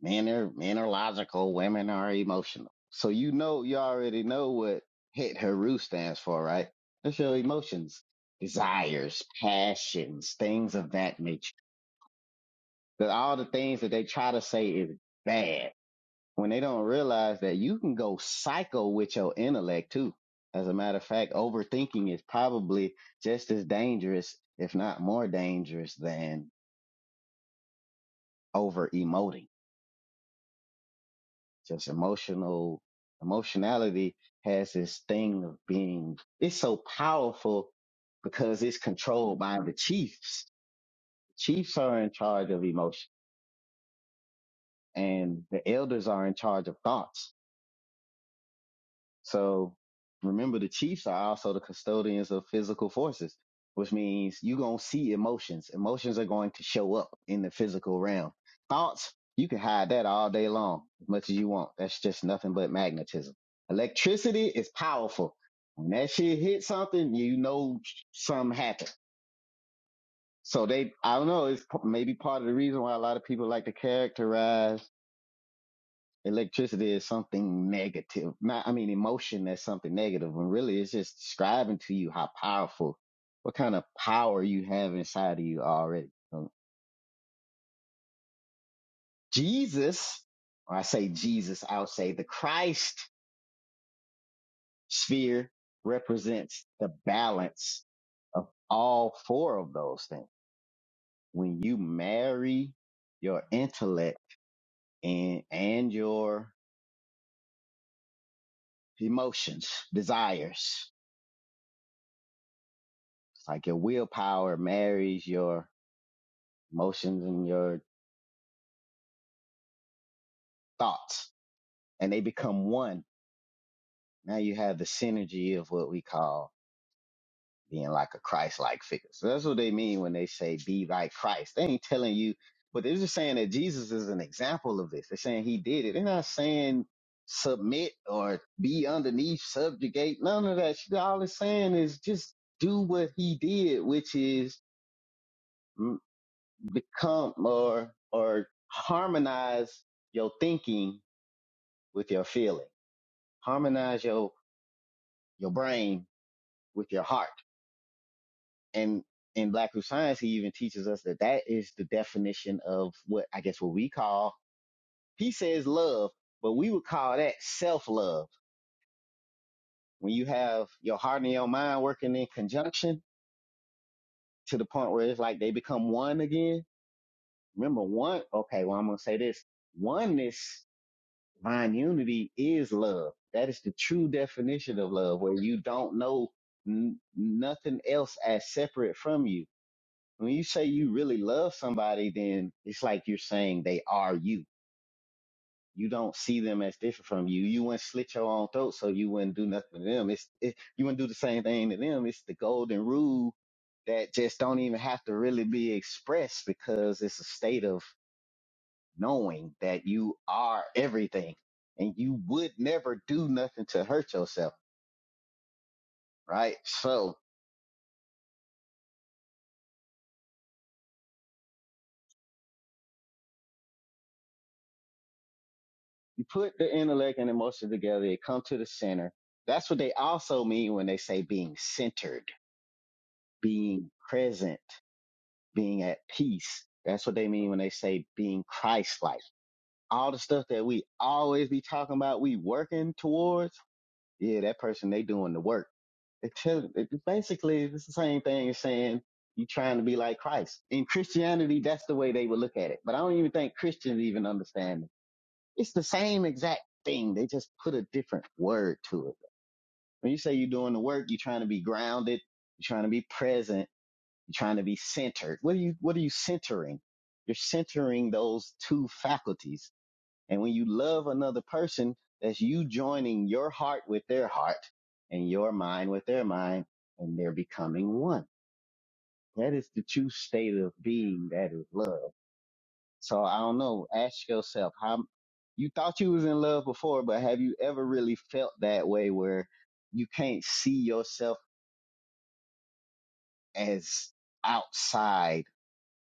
Men are men are logical, women are emotional. So you know you already know what hit Heru stands for, right? That's your emotions, desires, passions, things of that nature. That all the things that they try to say is bad when they don't realize that you can go psycho with your intellect too. As a matter of fact, overthinking is probably just as dangerous, if not more dangerous, than over emoting just emotional emotionality has this thing of being it's so powerful because it's controlled by the chiefs chiefs are in charge of emotion and the elders are in charge of thoughts So remember, the Chiefs are also the custodians of physical forces, which means you're going to see emotions. Emotions are going to show up in the physical realm. Thoughts, you can hide that all day long as much as you want. That's just nothing but magnetism. Electricity is powerful. When that shit hits something, you know something happened. So they, I don't know, it's p- maybe part of the reason why a lot of people like to characterize electricity is something negative. Not, I mean, emotion that's something negative, negative. and really, it's just describing to you how powerful, what kind of power you have inside of you already. Um, Jesus, or I say Jesus, I would say the Christ sphere represents the balance of all four of those things. When you marry your intellect and and your emotions, desires, it's like your willpower marries your emotions and your thoughts and they become one. Now you have the synergy of what we call being like a Christ-like figure. So that's what they mean when they say be like Christ. They ain't telling you, but they're just saying that Jesus is an example of this. They're saying he did it. They're not saying submit or be underneath, subjugate, none of that. shit. All it's saying is just do what he did, which is mm, become or, or harmonize your thinking with your feelings harmonize your your brain with your heart. And in Black Root Science, he even teaches us that that is the definition of what I guess what we call. He says love, but we would call that self love. When you have your heart and your mind working in conjunction to the point where it's like they become one again. Remember one? Okay, well I'm gonna say this: oneness, divine unity is love. That is the true definition of love, where you don't know n- nothing else as separate from you when you say you really love somebody, then it's like you're saying they are you. You don't see them as different from you. You wouldn't slit your own throat, so you wouldn't do nothing to them. It's it, you wouldn't do the same thing to them. It's the golden rule that just don't even have to really be expressed because it's a state of knowing that you are everything and you would never do nothing to hurt yourself, right? So put the intellect and emotion together, it come to the center. That's what they also mean when they say being centered, being present, being at peace. That's what they mean when they say being Christ-like. All the stuff that we always be talking about, we working towards. Yeah, that person, they doing the work. They tell, it, basically, it's the same thing as saying you trying to be like Christ. In Christianity, that's the way they would look at it. But I don't even think Christians even understand it's the same exact thing. They just put a different word to it. When you say you're doing the work, you're trying to be grounded, you're trying to be present, you're trying to be centered. What are you what are you centering? You're centering those two faculties. And when you love another person, that's you joining your heart with their heart and your mind with their mind, and they're becoming one. That is the true state of being that is love. So I don't know. Ask yourself how you thought you was in love before, but have you ever really felt that way where you can't see yourself as outside,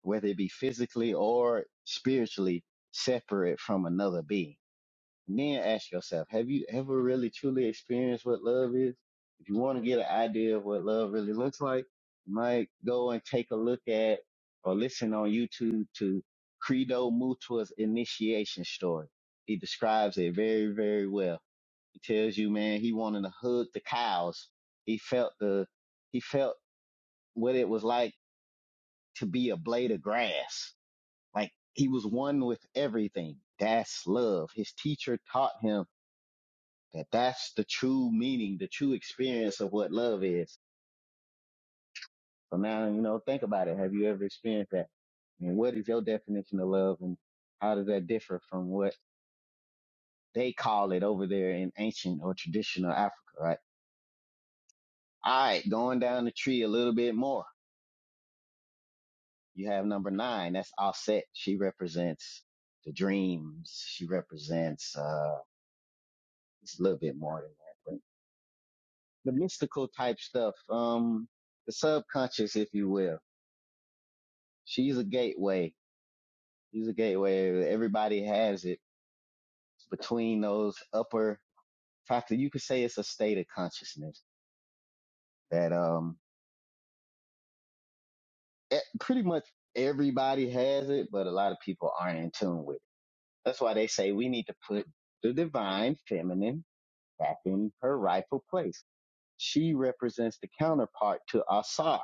whether it be physically or spiritually separate from another being? And then ask yourself, have you ever really truly experienced what love is? If you want to get an idea of what love really looks like, you might go and take a look at or listen on YouTube to Credo Mutua's initiation story. He describes it very, very well. He tells you, man, he wanted to hug the cows. He felt the, he felt what it was like to be a blade of grass. Like he was one with everything. That's love. His teacher taught him that that's the true meaning, the true experience of what love is. So now, you know, think about it. Have you ever experienced that? And what is your definition of love and how does that differ from what they call it over there in ancient or traditional Africa, right? All right, going down the tree a little bit more. You have number nine. That's Offset. She represents the dreams. She represents, uh, it's a little bit more than that, but the mystical type stuff. Um, the subconscious, if you will. She's a gateway Use a gateway. Everybody has it between those upper factor. You could say it's a state of consciousness that um e- pretty much everybody has it, but a lot of people aren't in tune with it. That's why they say we need to put the divine feminine back in her rightful place. She represents the counterpart to Asar.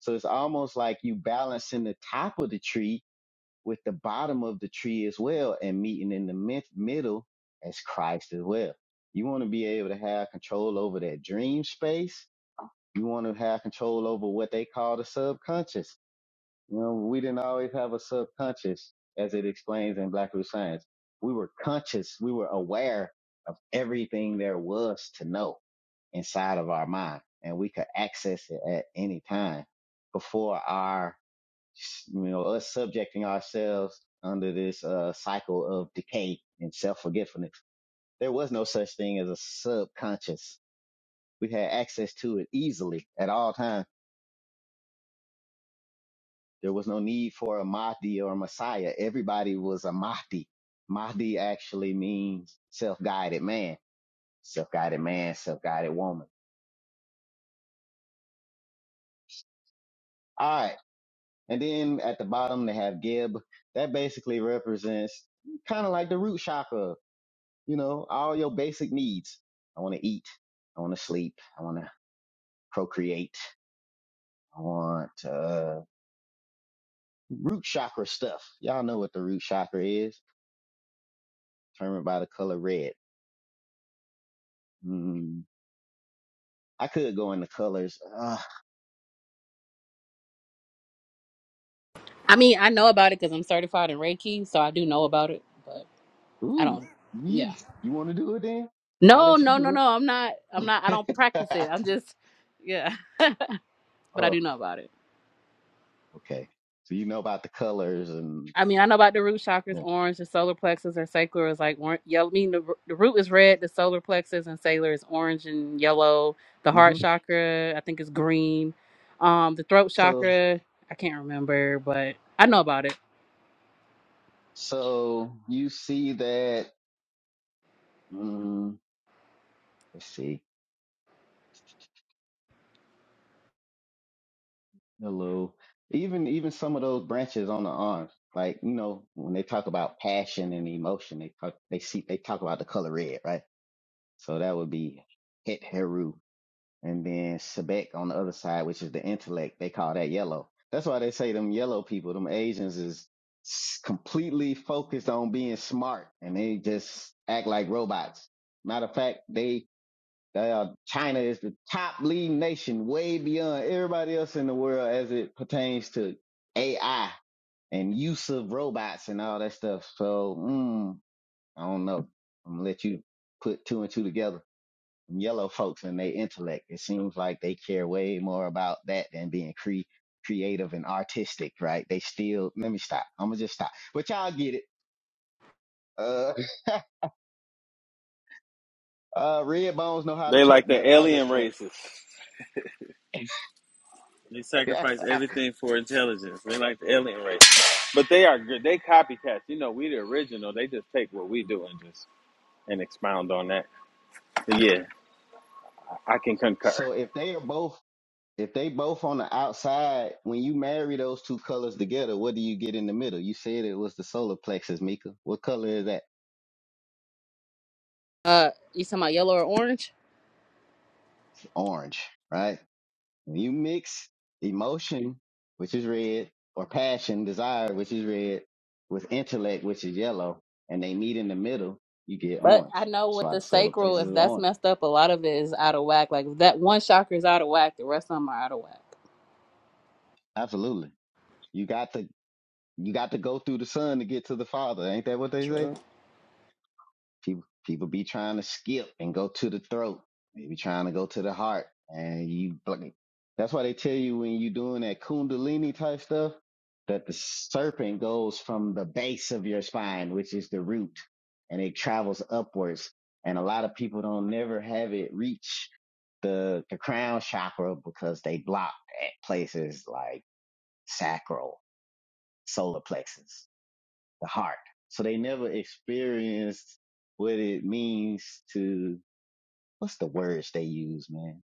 So it's almost like you balancing the top of the tree with the bottom of the tree as well and meeting in the mid- middle as Christ as well. You want to be able to have control over that dream space. You want to have control over what they call the subconscious. You know, we didn't always have a subconscious as it explains in Black Root Science. We were conscious. We were aware of everything there was to know inside of our mind and we could access it at any time before our you know, us subjecting ourselves under this uh, cycle of decay and self-forgetfulness. There was no such thing as a subconscious. We had access to it easily at all times. There was no need for a Mahdi or a Messiah. Everybody was a Mahdi. Mahdi actually means self-guided man, self-guided man, self-guided woman. All right. And then at the bottom, they have Gib. That basically represents kind of like the root chakra you know, all your basic needs. I want to eat. I want to sleep. I want to procreate. I want, uh, root chakra stuff. Y'all know what the root chakra is. Determined by the color red. Mm, I could go into colors. Uh, I mean, I know about it because I'm certified in Reiki, so I do know about it, but I ooh, don't, yeah. you, you want to do it then? I'll No, let you no, no, do no. I'm not. I'm not. I don't it. practice it. I'm just, yeah. But I oh, do know about it. okay. So you know about the colors and, I mean, I know about the root chakras, orange. The solar plexus or sacral is like orange, yellow. I mean, the, the root is red. The solar plexus and sacral is orange and yellow. The hmm heart chakra, I think, is green. Um, the throat so, chakra, I can't remember, but I know about it. so you see that, mm, let's see Hello. Even even some of those branches on the arms, like you know, when they talk about passion and emotion, they talk they see they talk about the color red, right? So that would be het heru, and then sebek on the other side, which is the intellect. They call that yellow. That's why they say them yellow people, them Asians, is s- completely focused on being smart, and they just act like robots. Matter of fact, they they China is the top leading nation, way beyond everybody else in the world as it pertains to AI and use of robots and all that stuff. So, mm, I don't know. I'm gonna let you put two and two together. Them Yellow folks and their intellect. It seems like they care way more about that than being cre- creative and artistic, right? They still. Let me stop. I'm gonna just stop. But y'all get it. Uh, uh, red bones know how to They like twerk the better. I'm just alien playing. races. They sacrifice everything for intelligence. They like the alien races. But they are good. They copycats. You know, we the original. They just take what we do and just and expound on that. But yeah, I can concur. so if they are both If they both on the outside, when you marry those two colors together, what do you get in the middle? You said it was the solar plexus, Mika. What color is that? Uh, you talking about yellow or orange? Orange, right? When you mix emotion, which is red, or passion, desire, which is red, with intellect, which is yellow, and they meet in the middle, you get But I orange. know That's with why the the solar sacral, plexus if is that's orange. messed up, a lot of it is out of whack. Like if that one chakra is out of whack, the rest of them are out of whack. Absolutely. You got to you got to go through the sun to get to the father. Ain't that what they say? True. People people be trying to skip and go to the throat. They be trying to go to the heart, and you. like, That's why they tell you when you doing that kundalini type stuff that the serpent goes from the base of your spine, which is the root, and it travels upwards. And a lot of people don't never have it reach the the crown chakra because they block at places like sacral, solar plexus the heart. So they never experienced what it means to, what's the words they use, man?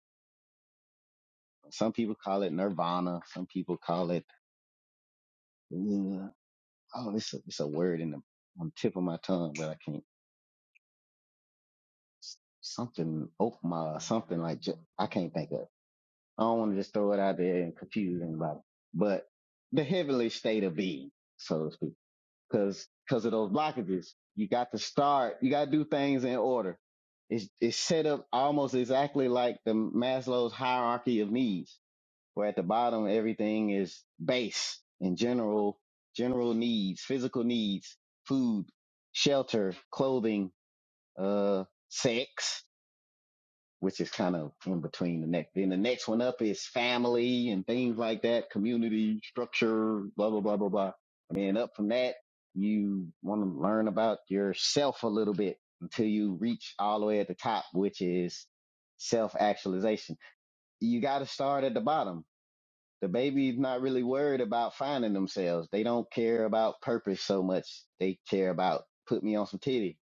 Some people call it nirvana. Some people call it, uh, oh, it's a, it's a word in the on the tip of my tongue, but I can't, something, oh my something like, ju- I can't think of it. I don't want to just throw it out there and confuse anybody, but the heavenly state of being, so to speak. because because of those blockages. You got to start. You got to do things in order. It's it's set up almost exactly like the Maslow's hierarchy of needs, where at the bottom everything is base and general general needs, physical needs, food, shelter, clothing, uh, sex which is kind of in between the next. Then the next one up is family and things like that, community structure, blah, blah, blah, blah, blah. And then up from that, you want to learn about yourself a little bit until you reach all the way at the top, which is self actualization. You got to start at the bottom. The baby's not really worried about finding themselves. They don't care about purpose so much. They care about put me on some titty,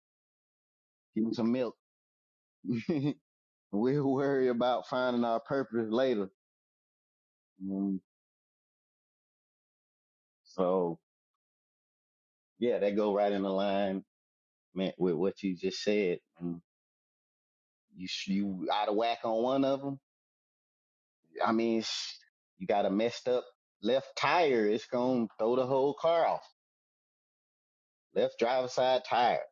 give me some milk. we'll worry about finding our purpose later Um, so yeah, that go right in the line, man, with what you just said. Um, You sh- you out of whack on one of them. I mean, sh- you got a messed up left tire. It's gonna throw the whole car off. Left driver side tire,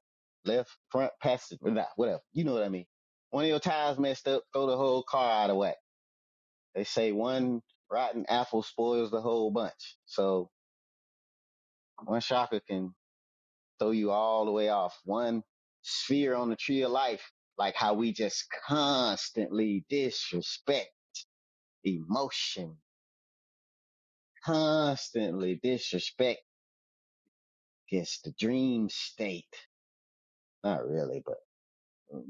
left front passenger, nah, whatever. You know what I mean. One of your tires messed up, throw the whole car out of whack. They say one rotten apple spoils the whole bunch. So one shocker can throw you all the way off one sphere on the tree of life, like how we just constantly disrespect emotion, constantly disrespect is the dream state. Not really, but mm.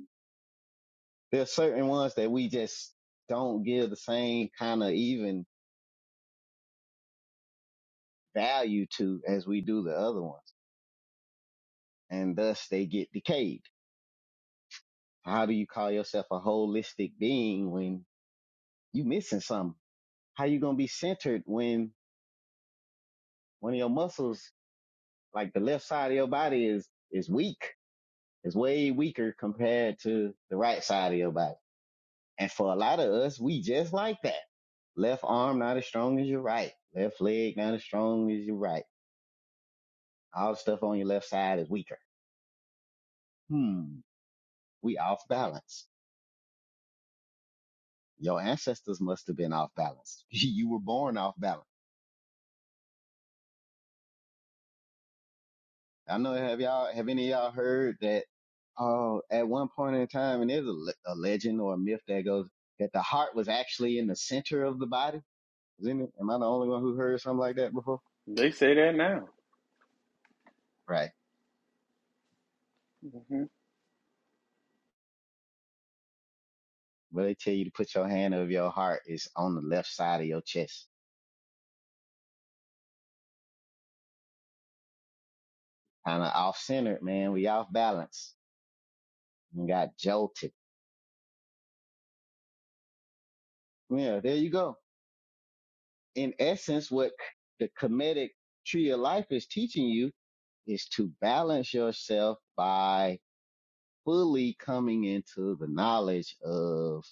there are certain ones that we just don't give the same kind of even value to as we do the other ones. And thus they get decayed. How do you call yourself a holistic being when you missing something? How you gonna be centered when One of your muscles, like the left side of your body is, is weak. It's way weaker compared to the right side of your body. And for a lot of us, we just like that. Left arm not as strong as your right. Left leg not as strong as your right. All the stuff on your left side is weaker. Hmm. We off balance. Your ancestors must have been off balance. you were born off balance. I know have y'all have any of y'all heard that uh, at one point in time, and there's a, le- a legend or a myth that goes that the heart was actually in the center of the body. Isn't it? Am I the only one who heard something like that before? They say that now. Right. hmm Well, they tell you to put your hand over your heart It's on the left side of your chest. Kind of off centered, man. We off balance and got jolted. Yeah, there you go. In essence, what the comedic tree of life is teaching you is to balance yourself by fully coming into the knowledge of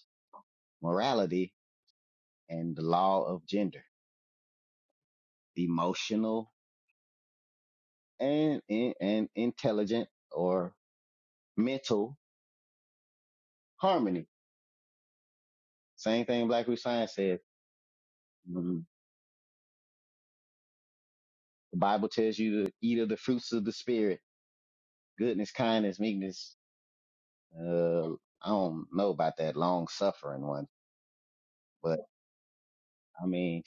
morality, and the law of gender, emotional and, and, and intelligent or mental harmony. Same thing Black Root Science said. Mm, The Bible tells you to eat of the fruits of the spirit, goodness, kindness, meekness. Uh, I don't know about that long suffering one, but I mean,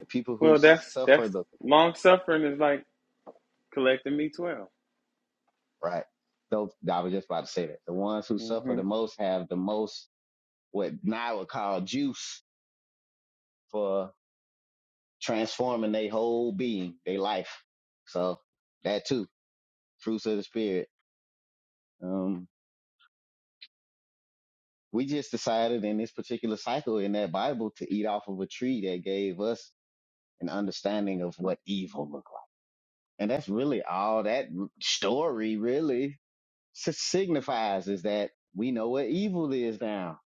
the people who Well, that's suffer that's the, long suffering is like collecting me 12 right. Those, I was just about to say that. The ones who suffer Mm-hmm. the most have the most, what now would call juice for. transforming their whole being, their life. So that too, fruits of the spirit. Um, we just decided in this particular cycle in that Bible to eat off of a tree that gave us an understanding of what evil looked like. And that's really all that r- story really s- signifies is that we know what evil is now.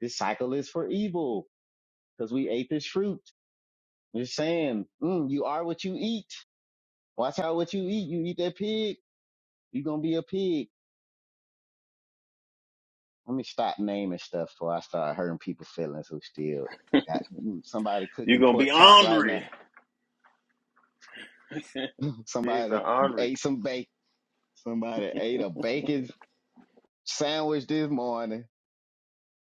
This cycle is for evil because we ate this fruit. We're saying, mm, you are what you eat. Watch out what you eat. You eat that pig, you're going to be a pig Let me stop naming stuff before I start hurting people's feelings who still got mm, somebody You're cooking gonna be pork chop right now. ornery. Pigs are Somebody ornery. ate some bacon. Somebody ate a bacon sandwich this morning.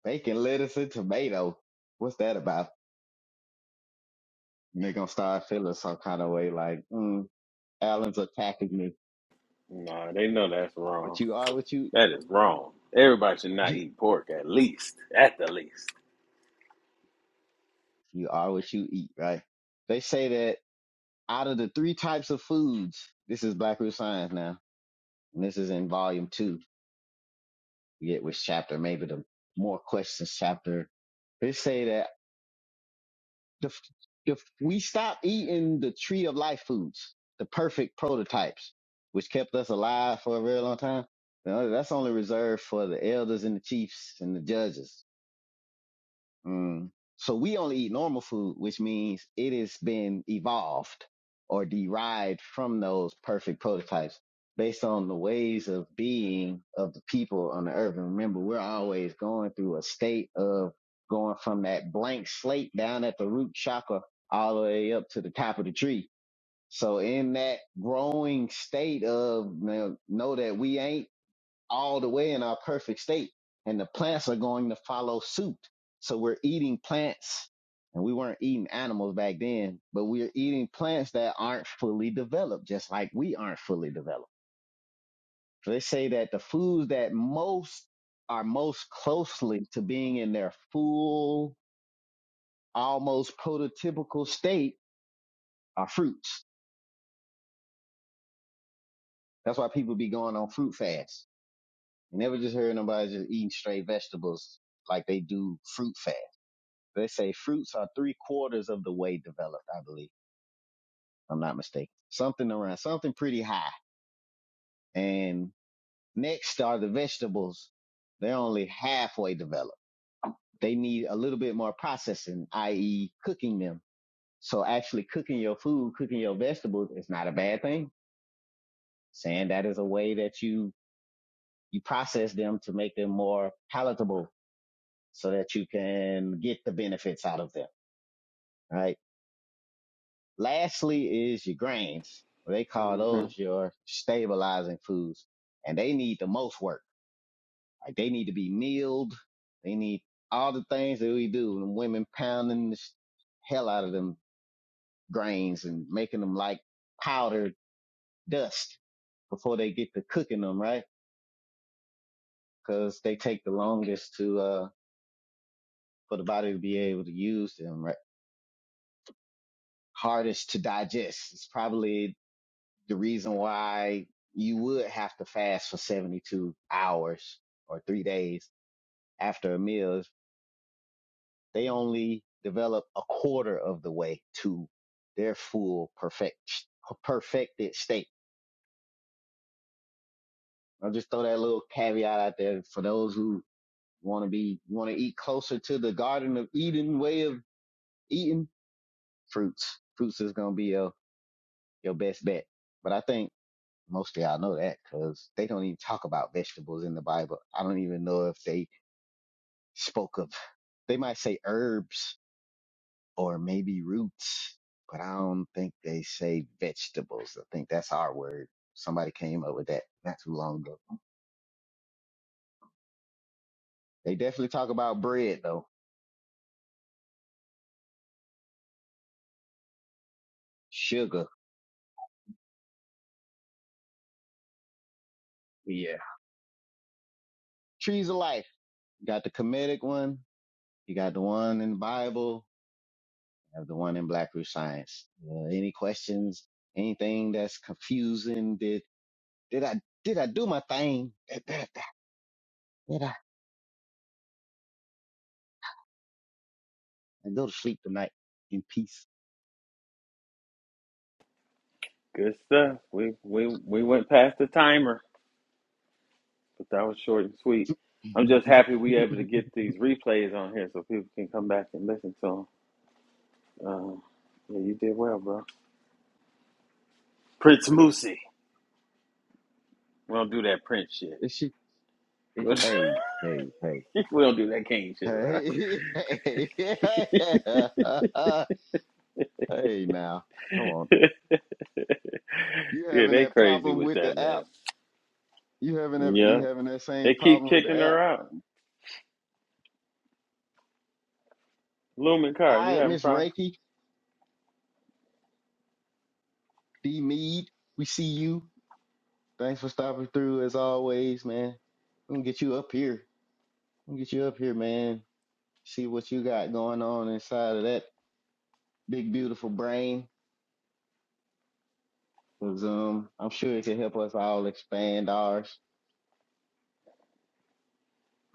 Bacon, lettuce, and tomato. What's that about? And they're gonna start feeling some kind of way like, mm, Alan's attacking me. Nah, they know that's wrong. But you are what you That is wrong. Everybody should not eat. eat pork, at least, at the least. You are what you eat, right? They say that out of the three types of foods, this is Black Root Science now, and this is in volume two forget which chapter, maybe the more questions chapter. They say that if, if we stop eating the tree of life foods, the perfect prototypes, which kept us alive for a very long time, you know, that's only reserved for the elders and the chiefs and the judges. Mm. So we only eat normal food, which means it has been evolved or derived from those perfect prototypes based on the ways of being of the people on the earth. And remember, we're always going through a state of going from that blank slate down at the root chakra all the way up to the top of the tree. So in that growing state of you know know that we ain't all the way in our perfect state. And the plants are going to follow suit. So we're eating plants and we weren't eating animals back then, but we're eating plants that aren't fully developed, just like we aren't fully developed. So they say that the foods that most are most closely to being in their full, almost prototypical state are fruits. That's why people be going on fruit fasts. You never just heard nobody just eating straight vegetables like they do fruit fast. They say fruits are three quarters of the way developed, I believe. if I'm not mistaken. Something around, something pretty high. And next are the vegetables. They're only halfway developed. They need a little bit more processing, i.e. cooking them. So actually cooking your food, cooking your vegetables is not a bad thing. Saying that is a way that you, you process them to make them more palatable so that you can get the benefits out of them, right? Lastly is your grains. They call hmm those your stabilizing foods and they need the most work. Like they need to be milled. They need all the things that we do and women pounding the sh- hell out of them grains and making them like powdered dust before they get to cooking them, right? Cause they take the longest to, uh, for the body to be able to use them, right? Hardest to digest. It's probably the reason why you would have to fast for 72 hours or three days after a meal is they only develop a quarter of the way to their full perfect, perfected state. I'll just throw that little caveat out there for those who want to be, want to eat closer to the Garden of Eden way of eating fruits. Fruits is going to be your, your best bet. But I think most of y'all know that because they don't even talk about vegetables in the Bible. I don't even know if they spoke of. They might say herbs or maybe roots, but I don't think they say vegetables. I think that's our word. Somebody came up with that not too long ago. They definitely talk about bread though. Sugar. Yeah. Trees of life. You got the comedic one. You got the one in the Bible. You have the one in Black Root Science. Uh, any questions? Anything that's confusing? Did, did I, did I do my thing? Did, did, did I, did I go to sleep tonight in peace? Good stuff. We we we went past the timer, but that was short and sweet. I'm and just happy we able to get these replays on here so people can come back and listen to them. Um, yeah, you did well, bro. Prince Moosey. We don't do that Prince shit. she, and she, hey, hey, hey, we don't do that King shit around. hey, hey, hey, now, come on now. You yeah, having they that crazy problem with with that the app? man. You having that? You Yeah, having that same they keep problem with the kicking app? her out. Lumen Car, All you right, having Miss problems? Reiki, D Mead, we see you. Thanks for stopping through as always, man. I'm gonna get you up here. I'm gonna get you up here, man. See what you got going on inside of that big, beautiful brain. Cause um, I'm sure it can help us all expand ours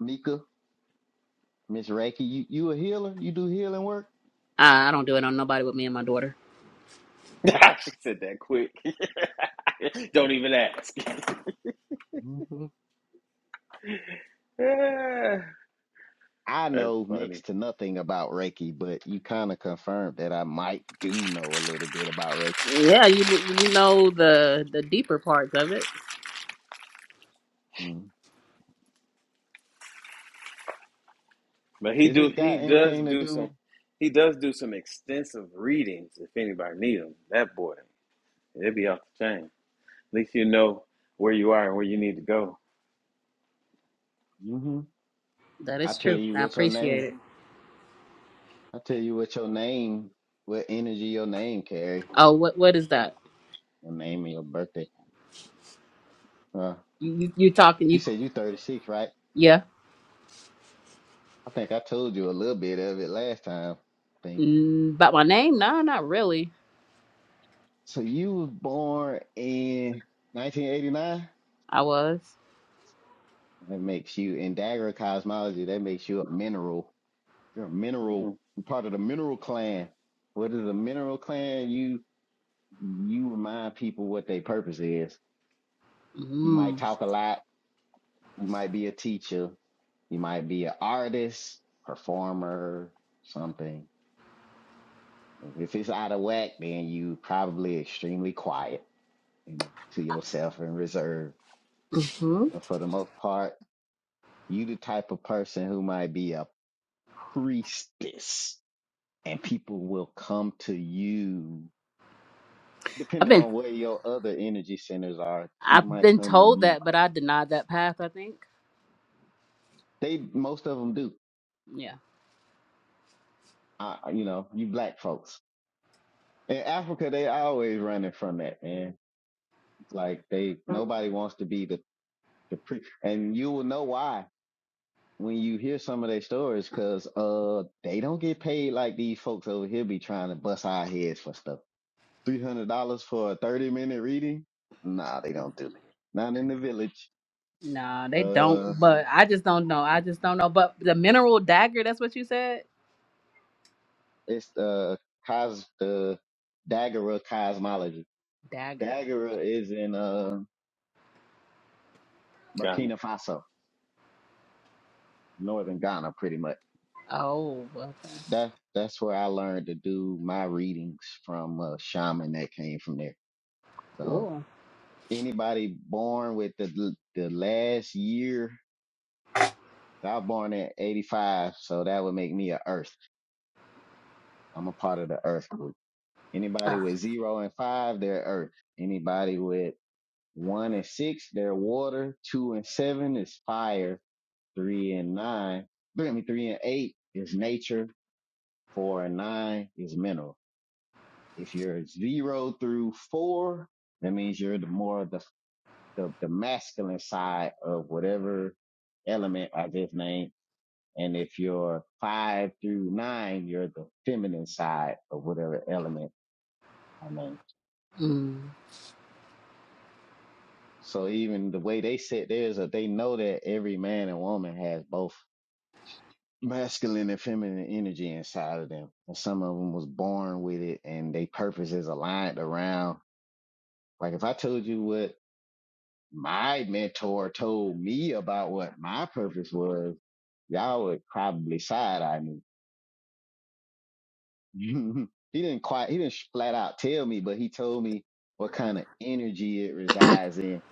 Mika, Miss Reiki, you, you a healer? You do healing work? I, I don't do it on nobody but me and my daughter. I just said that quick. Don't Oh. even ask. Mhm. Yeah, I That's know funny. next to nothing about Reiki, but you kind of confirmed that I might do know a little bit about Reiki. Yeah, you you know the the deeper parts of it. Mhm. But he Is do it he got does anything to do some do? he does do some extensive readings if anybody need them. That boy, it'd be off the chain. At least you know where you are and where you need to go. hmm That I is tell true. you I what your appreciate name. it. I tell you what your name, what energy your name carry, Oh, what what is that? your name and your birthday. Uh, You you, you talking? you You said you 36, right? yeah? I think I told you a little bit of it last time. I think Mm, about my name? No, not really. so. You was born in 1989. I was. That makes you in Dagger cosmology. That makes you a mineral. You're a mineral. hmm You're part of the mineral clan. What is a mineral clan? You you remind people what their purpose is. You might Mm. talk a lot. You might be a teacher. You might be an artist, performer, something. If it's out of whack, then you probably extremely quiet and to yourself and reserved. hmm But for the most part, you the type of person who might be a priestess and people will come to you I've depending been on where your other energy centers are people I've might been come told to you that, but I denied that path. I think. they most of them do Yeah. I, you know you black folks in africa they always running from that man It's like they nobody wants to be the, the pre and you will know why when you hear some of their stories because uh they don't get paid like these folks over here be trying to bust our heads for stuff $300 for a 30 minute reading nah they don't do that not in the village Nah, they don't. Uh. But I just don't know. I just don't know. But the mineral dagger. That's what you said. It's uh cos the Daguerre cosmology. Dagger. Daguerre is in uh Got me. Burkina Faso, northern Ghana, pretty much. Oh, well, That that's where I learned to do my readings from a shaman that came from there. So cool. anybody born with the the last year, I was born in '85, so that would make me a Earth. I'm a part of the Earth group. Anybody Ah. with zero and five, they're Earth. Anybody with One and six, they're water. Two and seven is fire. Three and nine, three, I mean, three and eight is nature. Four and nine is mineral. If you're zero through four, that means you're the more the, the, the masculine side of whatever element I just named. And if you're five through nine, you're the feminine side of whatever element I named. Mm. So even the way they set theirs, uh, they know that every man and woman has both masculine and feminine energy inside of them. And some of them was born with it and they purpose is aligned around. Like if I told you what my mentor told me about what my purpose was, y'all would probably side eye me. he didn't quite, he didn't flat out tell me, but he told me what kind of energy it resides in.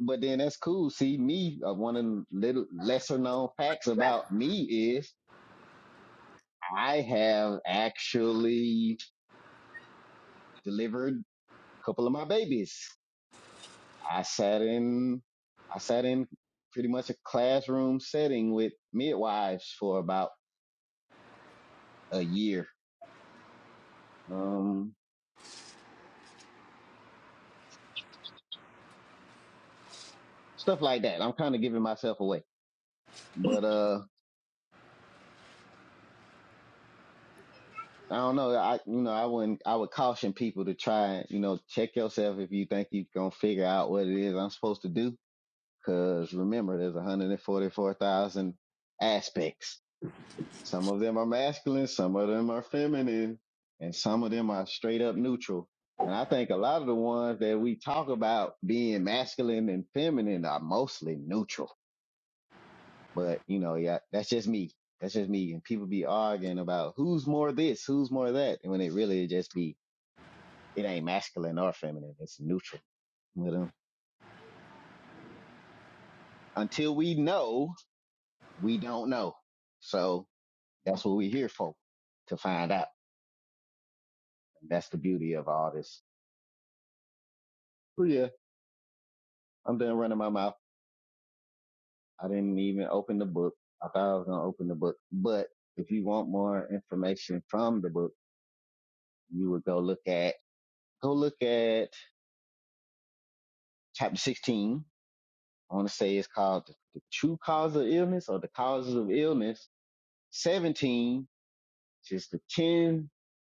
But then that's cool. See, me, uh, one of the little lesser known facts about me is I have actually delivered couple of my babies. I sat in I sat in pretty much a classroom setting with midwives for about a year. Um stuff like that. I'm kind of giving myself away. But uh I don't know. I you know, I wouldn't I would caution people to try, you know, check yourself if you think you're going to figure out what it is I'm supposed to do cuz remember there's 144,000 aspects Some of them are masculine, some of them are feminine, and some of them are straight up neutral. And I think a lot of the ones that we talk about being masculine and feminine are mostly neutral. But you know, yeah, that's just me. That's just me. And people be arguing about who's more this, who's more that, and when it really just be it ain't masculine or feminine. It's neutral. But um, until we know, we don't know. So that's what we're here for, to find out. That's the beauty of all this. But Yeah. I'm done running my mouth. I didn't even open the book. I thought I was going to open the book. But if you want more information from the book, you would go look at, go look at chapter 16. I want to say it's called the, the true cause of illness or the causes of illness. 17, which is the 10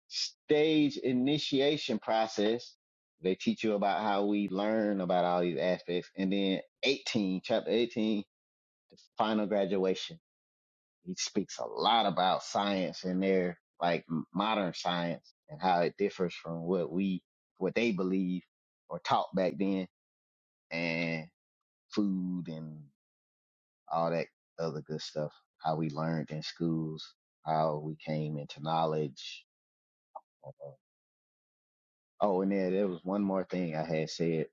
stage initiation process. They teach you about how we learn about all these aspects. And then 18, chapter 18, the final graduation He speaks a lot about science in there, like m- modern science and how it differs from what we, what they believe or taught back then and food and all that other good stuff, how we learned in schools, how we came into knowledge. Uh, Oh, and there, there was one more thing I had said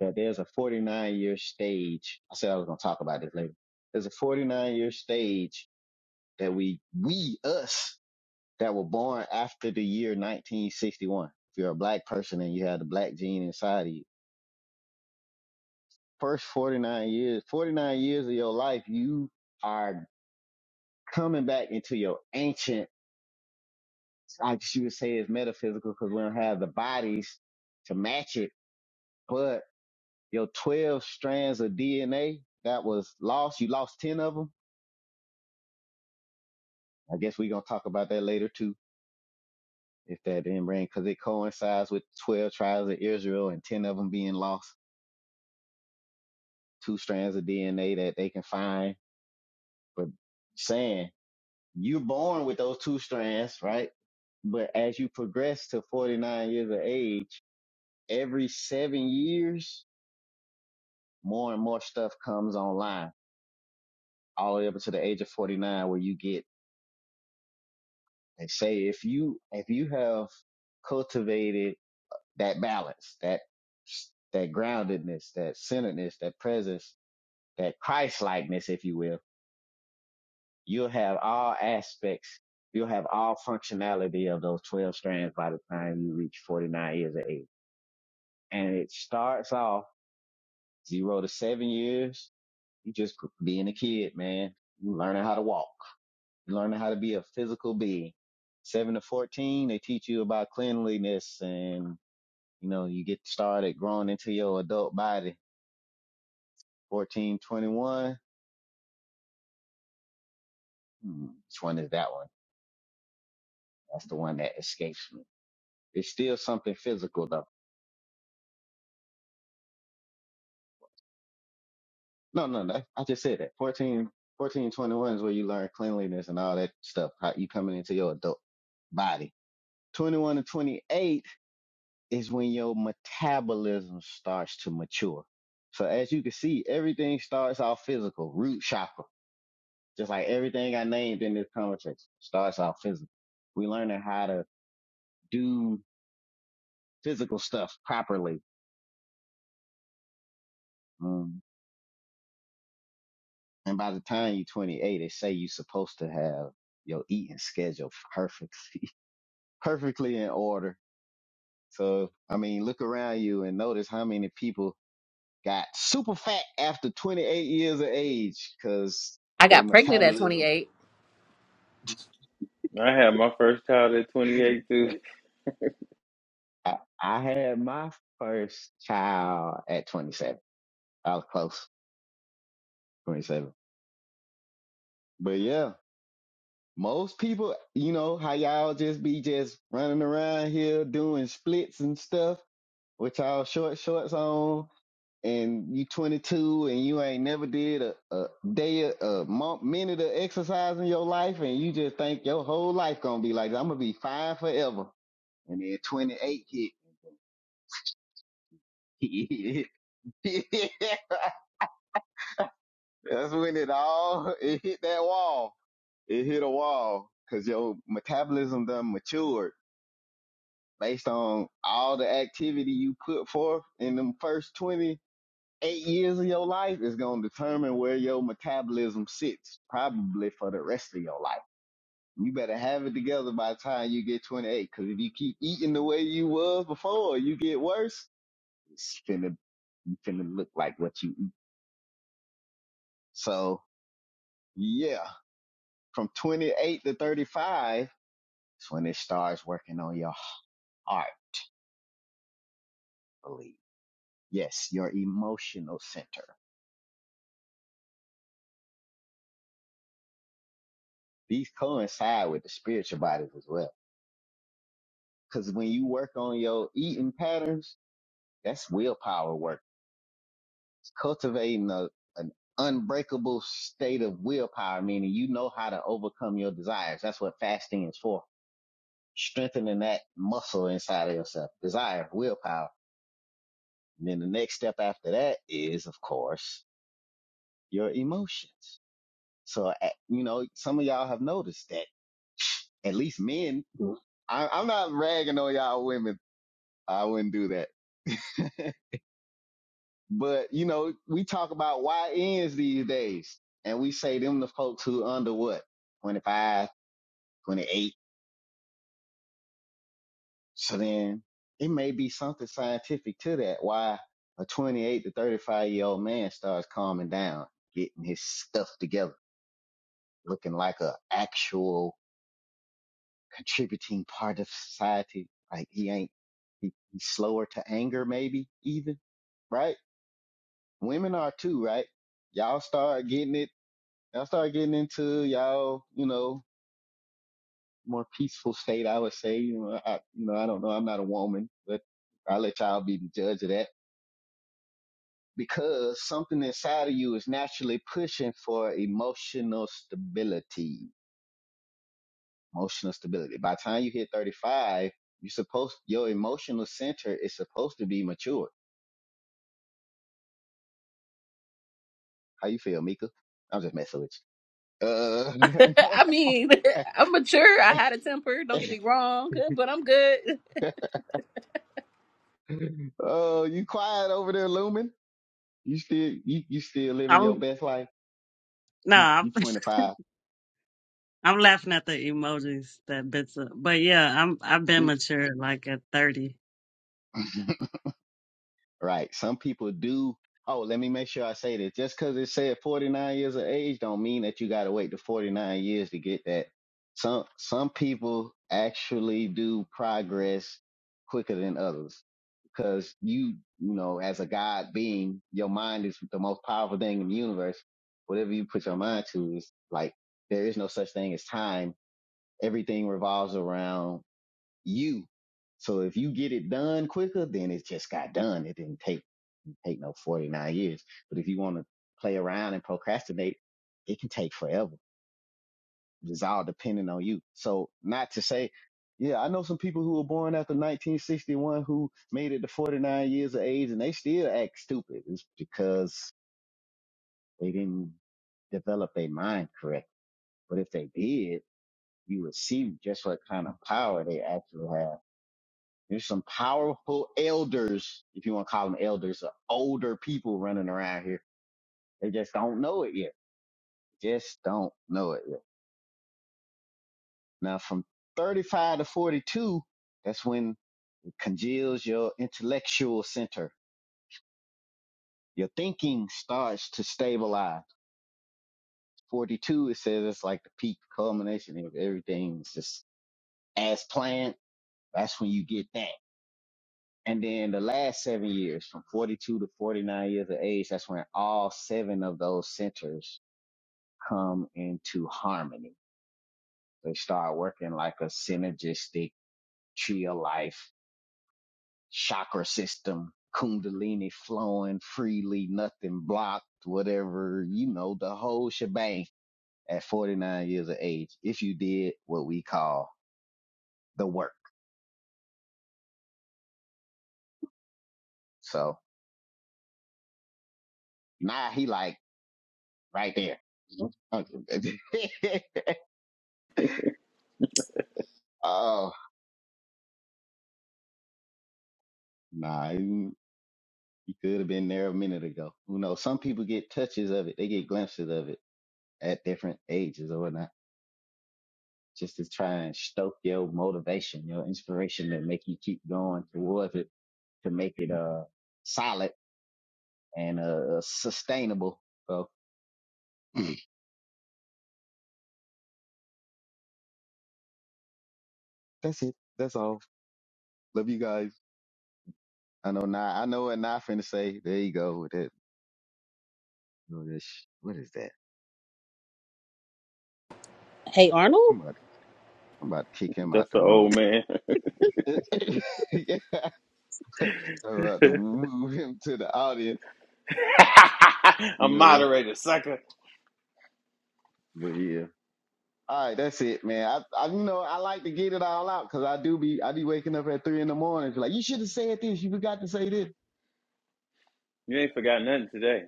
that there's a 49 year stage. I said I was going to talk about this later. There's a 49 year stage that we, we, us that were born after the year 1961. If you're a black person and you have the black gene inside of you, first 49 years, 49 years of your life, you are coming back into your ancient, I guess you would say it's metaphysical because we don't have the bodies to match it, but your 12 strands of DNA that was lost, you lost 10 of them. I guess we're going to talk about that later too, if that didn't bring, because it coincides with 12 tribes of Israel and 10 of them being lost two strands of DNA that they can find, but saying you're born with those two strands, right? But as you progress to 49 years of age, every seven years, more and more stuff comes online, all the way up to the age of 49, where you get, they say, if you, if you have cultivated that balance, that, that groundedness, that centeredness, that presence, that Christ likeness, if you will, you'll have all aspects, you'll have all functionality of those 12 strands by the time you reach 49 years of age. And it starts off zero to seven years. You just being a kid, man. You learning how to walk. You learning how to be a physical being. Seven to 14, they teach you about cleanliness and, you know, you get started growing into your adult body. 14, 21, Hmm, which one is that one? That's the one that escapes me. It's still something physical though No, no, no. I just said that. 14, 14, 21 is where you learn cleanliness and all that stuff. How you coming into your adult body. 21 to 28 is when your metabolism starts to mature. So as you can see, everything starts off physical, root chakra. Just like everything I named in this conversation starts off physical. We learning how to do physical stuff properly. Um, and by the time you're 28, they say you're supposed to have your eating schedule perfect perfectly in order. So, I mean, look around you and notice how many people got super fat after 28 years of age because I they got pregnant at metabolism. 28. I had my first child at 28 too. I, I had my first child at 27. I was close, 27. But yeah, most people, you know, how y'all just be just running around here doing splits and stuff with y'all short shorts on and you 22 and you ain't never did a, a day, a, month, minute of exercise in your life, and you just think your whole life gonna be like, I'm gonna be fine forever. And then 28 hit. That's when it all, it hit that wall. It hit a wall because your metabolism done matured based on all the activity you put forth in them first 20 eight years of your life is going to determine where your metabolism sits, probably for the rest of your life. You better have it together by the time you get 28, because if you keep eating the way you was before, you get worse. It's finna, you finna look like what you eat. So yeah, from 28 to 35 is when it starts working on your heart, I believe. Yes, your emotional center. These coincide with the spiritual bodies as well. Cause when you work on your eating patterns, That's willpower work. It's cultivating a, an unbreakable state of willpower, meaning you know how to overcome your desires. That's what fasting is for. Strengthening that muscle inside of yourself. Desire, willpower. And then the next step after that is, of course, your emotions. So, uh, you know, some of y'all have noticed that at least men, I, I'm not ragging on y'all women. I wouldn't do that. But you know, we talk about YNs these days, and we say them the folks who under what 25, 28. So then it may be something scientific to that. Why a 28 to 35 year old man starts calming down, getting his stuff together, looking like a actual contributing part of society. Like he ain't he, he's slower to anger, maybe even right. Women are too, right? Y'all start getting it I started getting into y'all, you know, more peaceful state, I would say. You know, I, you know, I don't know. I'm not a woman, but I let y'all be the judge of that because something inside of you is naturally pushing for emotional stability, emotional stability. By the time you hit 35, you're supposed, your emotional center is supposed to be mature. How you feel, Mika? I'm just messing with you. Uh, I mean, I'm mature. I had a temper. Don't get me wrong, but I'm good. oh, you quiet over there, Lumen? You still you you still living your I'm best life. no, You I'm, you 25. I'm laughing at the emojis that bits up. But yeah, I'm I've been Mm, mature like at 30. Right. Some people do. Oh, let me make sure I say this. Just because it said 49 years of age don't mean that you gotta wait to 49 years to get that. Some some people actually do progress quicker than others because you you know as a God being, your mind is the most powerful thing in the universe. Whatever you put your mind to is like there is no such thing as time. Everything revolves around you. So if you get it done quicker, then it just got done. It didn't take take no 49 years. But if you want to play around and procrastinate, it can take forever. It's all depending on you. So not to say, yeah, I know some people who were born after 1961 who made it to 49 years of age and they still act stupid. It's because they didn't develop their mind correctly. But if they did, you would see just what kind of power they actually have There's some powerful elders, if you want to call them elders, or older people running around here. They just don't know it yet. Just don't know it yet. Now, from 35 to 42, that's when it congeals your intellectual center. Your thinking starts to stabilize. 42, it says it's like the peak culmination of everything. It's just as planned. That's when you get that. And then the last seven years, from 42 to 49 years of age, that's when all seven of those centers come into harmony. They start working like a synergistic tree of life, chakra system, kundalini flowing freely, nothing blocked, whatever, you know, the whole shebang at 49 years of age. If you did what we call the work. So nah, he like right there. oh, nah, he he could have been there a minute ago. You know, some people get touches of it. They get glimpses of it at different ages or whatnot, just to try and stoke your motivation, your inspiration that make you keep going towards it to make it uh solid and uh sustainable. So that's it. That's all. Love you guys. I know now. I know what Nah finna say. There you go with that. with that sh- What is that? Hey, Arnold. I'm about to, I'm about to kick him out That's the an room. old man. yeah. I'm about to move him to the audience. A Yeah, moderator, sucker. but Yeah. All right, that's it, man. I, I you know, I like to get it all out because I do be I be waking up at three in the morning. Be like, you should have said this. You forgot to say this. You ain't forgot nothing today.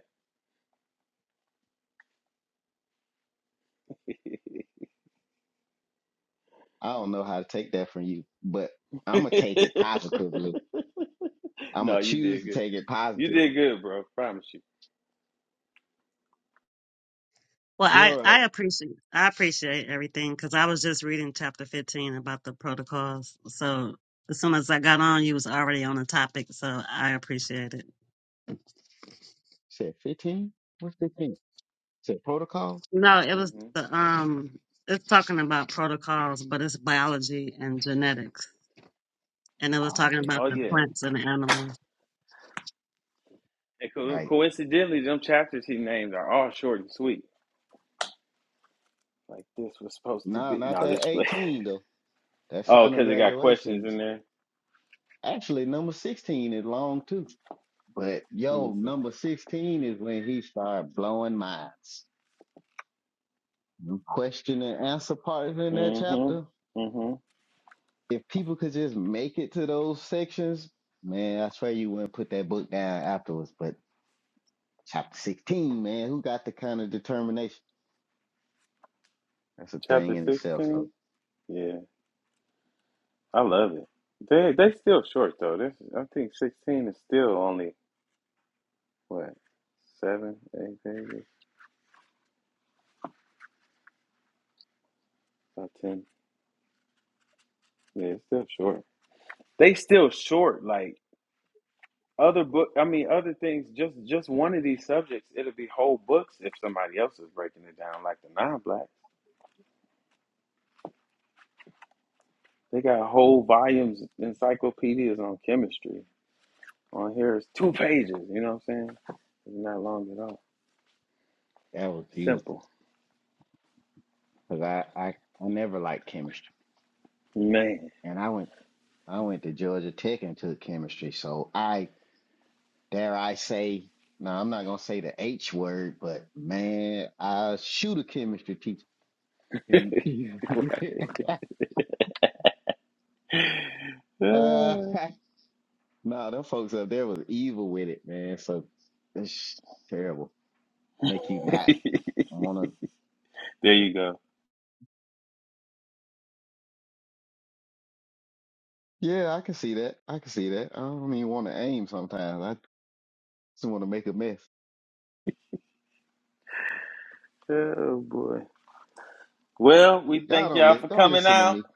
I don't know how to take that from you, but no, I'm gonna take it positively. I'm gonna you choose did to good. take it You positive. did good, bro. Promise you. Well, All I right. I appreciate I appreciate everything because I was just reading chapter 15 about the protocols. So as soon as I got on, you was already on the topic, so I appreciate it. Said fifteen. What's fifteen? Said protocol. No, it was hmm the um, it's talking about protocols, but it's biology and genetics, and it was Oh, talking okay. about Oh the Yep. yeah. Yep. plants and animals. And co- Right. coincidentally, them chapters he named are all short and sweet. Like this was supposed to No, be. not No, this that play. eighteen though. That Oh, final because it got questions graduations. in there. Actually, number sixteen is long too. But Let me yo, see. number sixteen is when he started blowing minds the question and answer part in that Mm-hmm. chapter. Mm-hmm. If people could just make it to those sections, man, I swear you wouldn't put that book down afterwards. But chapter 16, man, who got the kind of determination? That's a Chapter thing in itself. So sixteen. Yeah, I love it. They they still short though. This I think sixteen is still only what seven, eight pages, about ten. Yeah, it's still short. They still short. Like other book, I mean, other things. Just just one of these subjects, it'll be whole books if somebody else is breaking it down, like the non-blacks. They got dude, whole volumes, encyclopedias on chemistry. On here is two pages. You know what I'm saying? It's not long at all. that was beautiful Simple, because I, I, I never liked chemistry man. and I went, I went to Georgia Tech and took chemistry. So I, dare I say, no, I'm not going to say the H word, but man, I shoot a chemistry teacher. And- Uh, there nah, them folks up there was evil with it, man. So it's terrible. Make you not wanna. you go. Yeah, I can see that. I can see that. I don't even want to aim sometimes. I just want to make a mess. Oh boy. Well, we Y'all thank don't y'all listen. for Don't coming listen to out. me.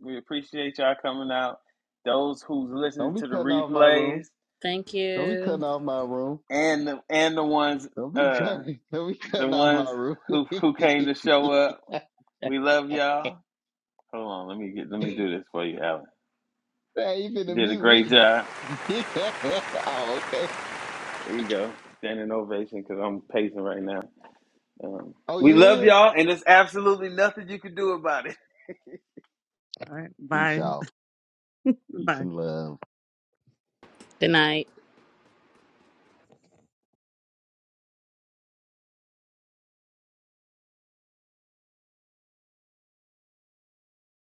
We appreciate y'all coming out. Those who's Don't listening be to the cutting off my replays room. Thank Don't be cutting you. off my room. and the and the ones Don't be uh cutting. Don't be the cutting off my ones room. who Man, who came to show up. We love y'all. Hold on, let me get let me do this for you, Alan. you You finna did a mute great job. me? oh, okay. There you go. Standing ovation because I'm pacing right now. Um, Oh, we you love is. y'all, and there's absolutely nothing you can do about it. All right, Peace, bye y'all. Peace bye. and love. Good night.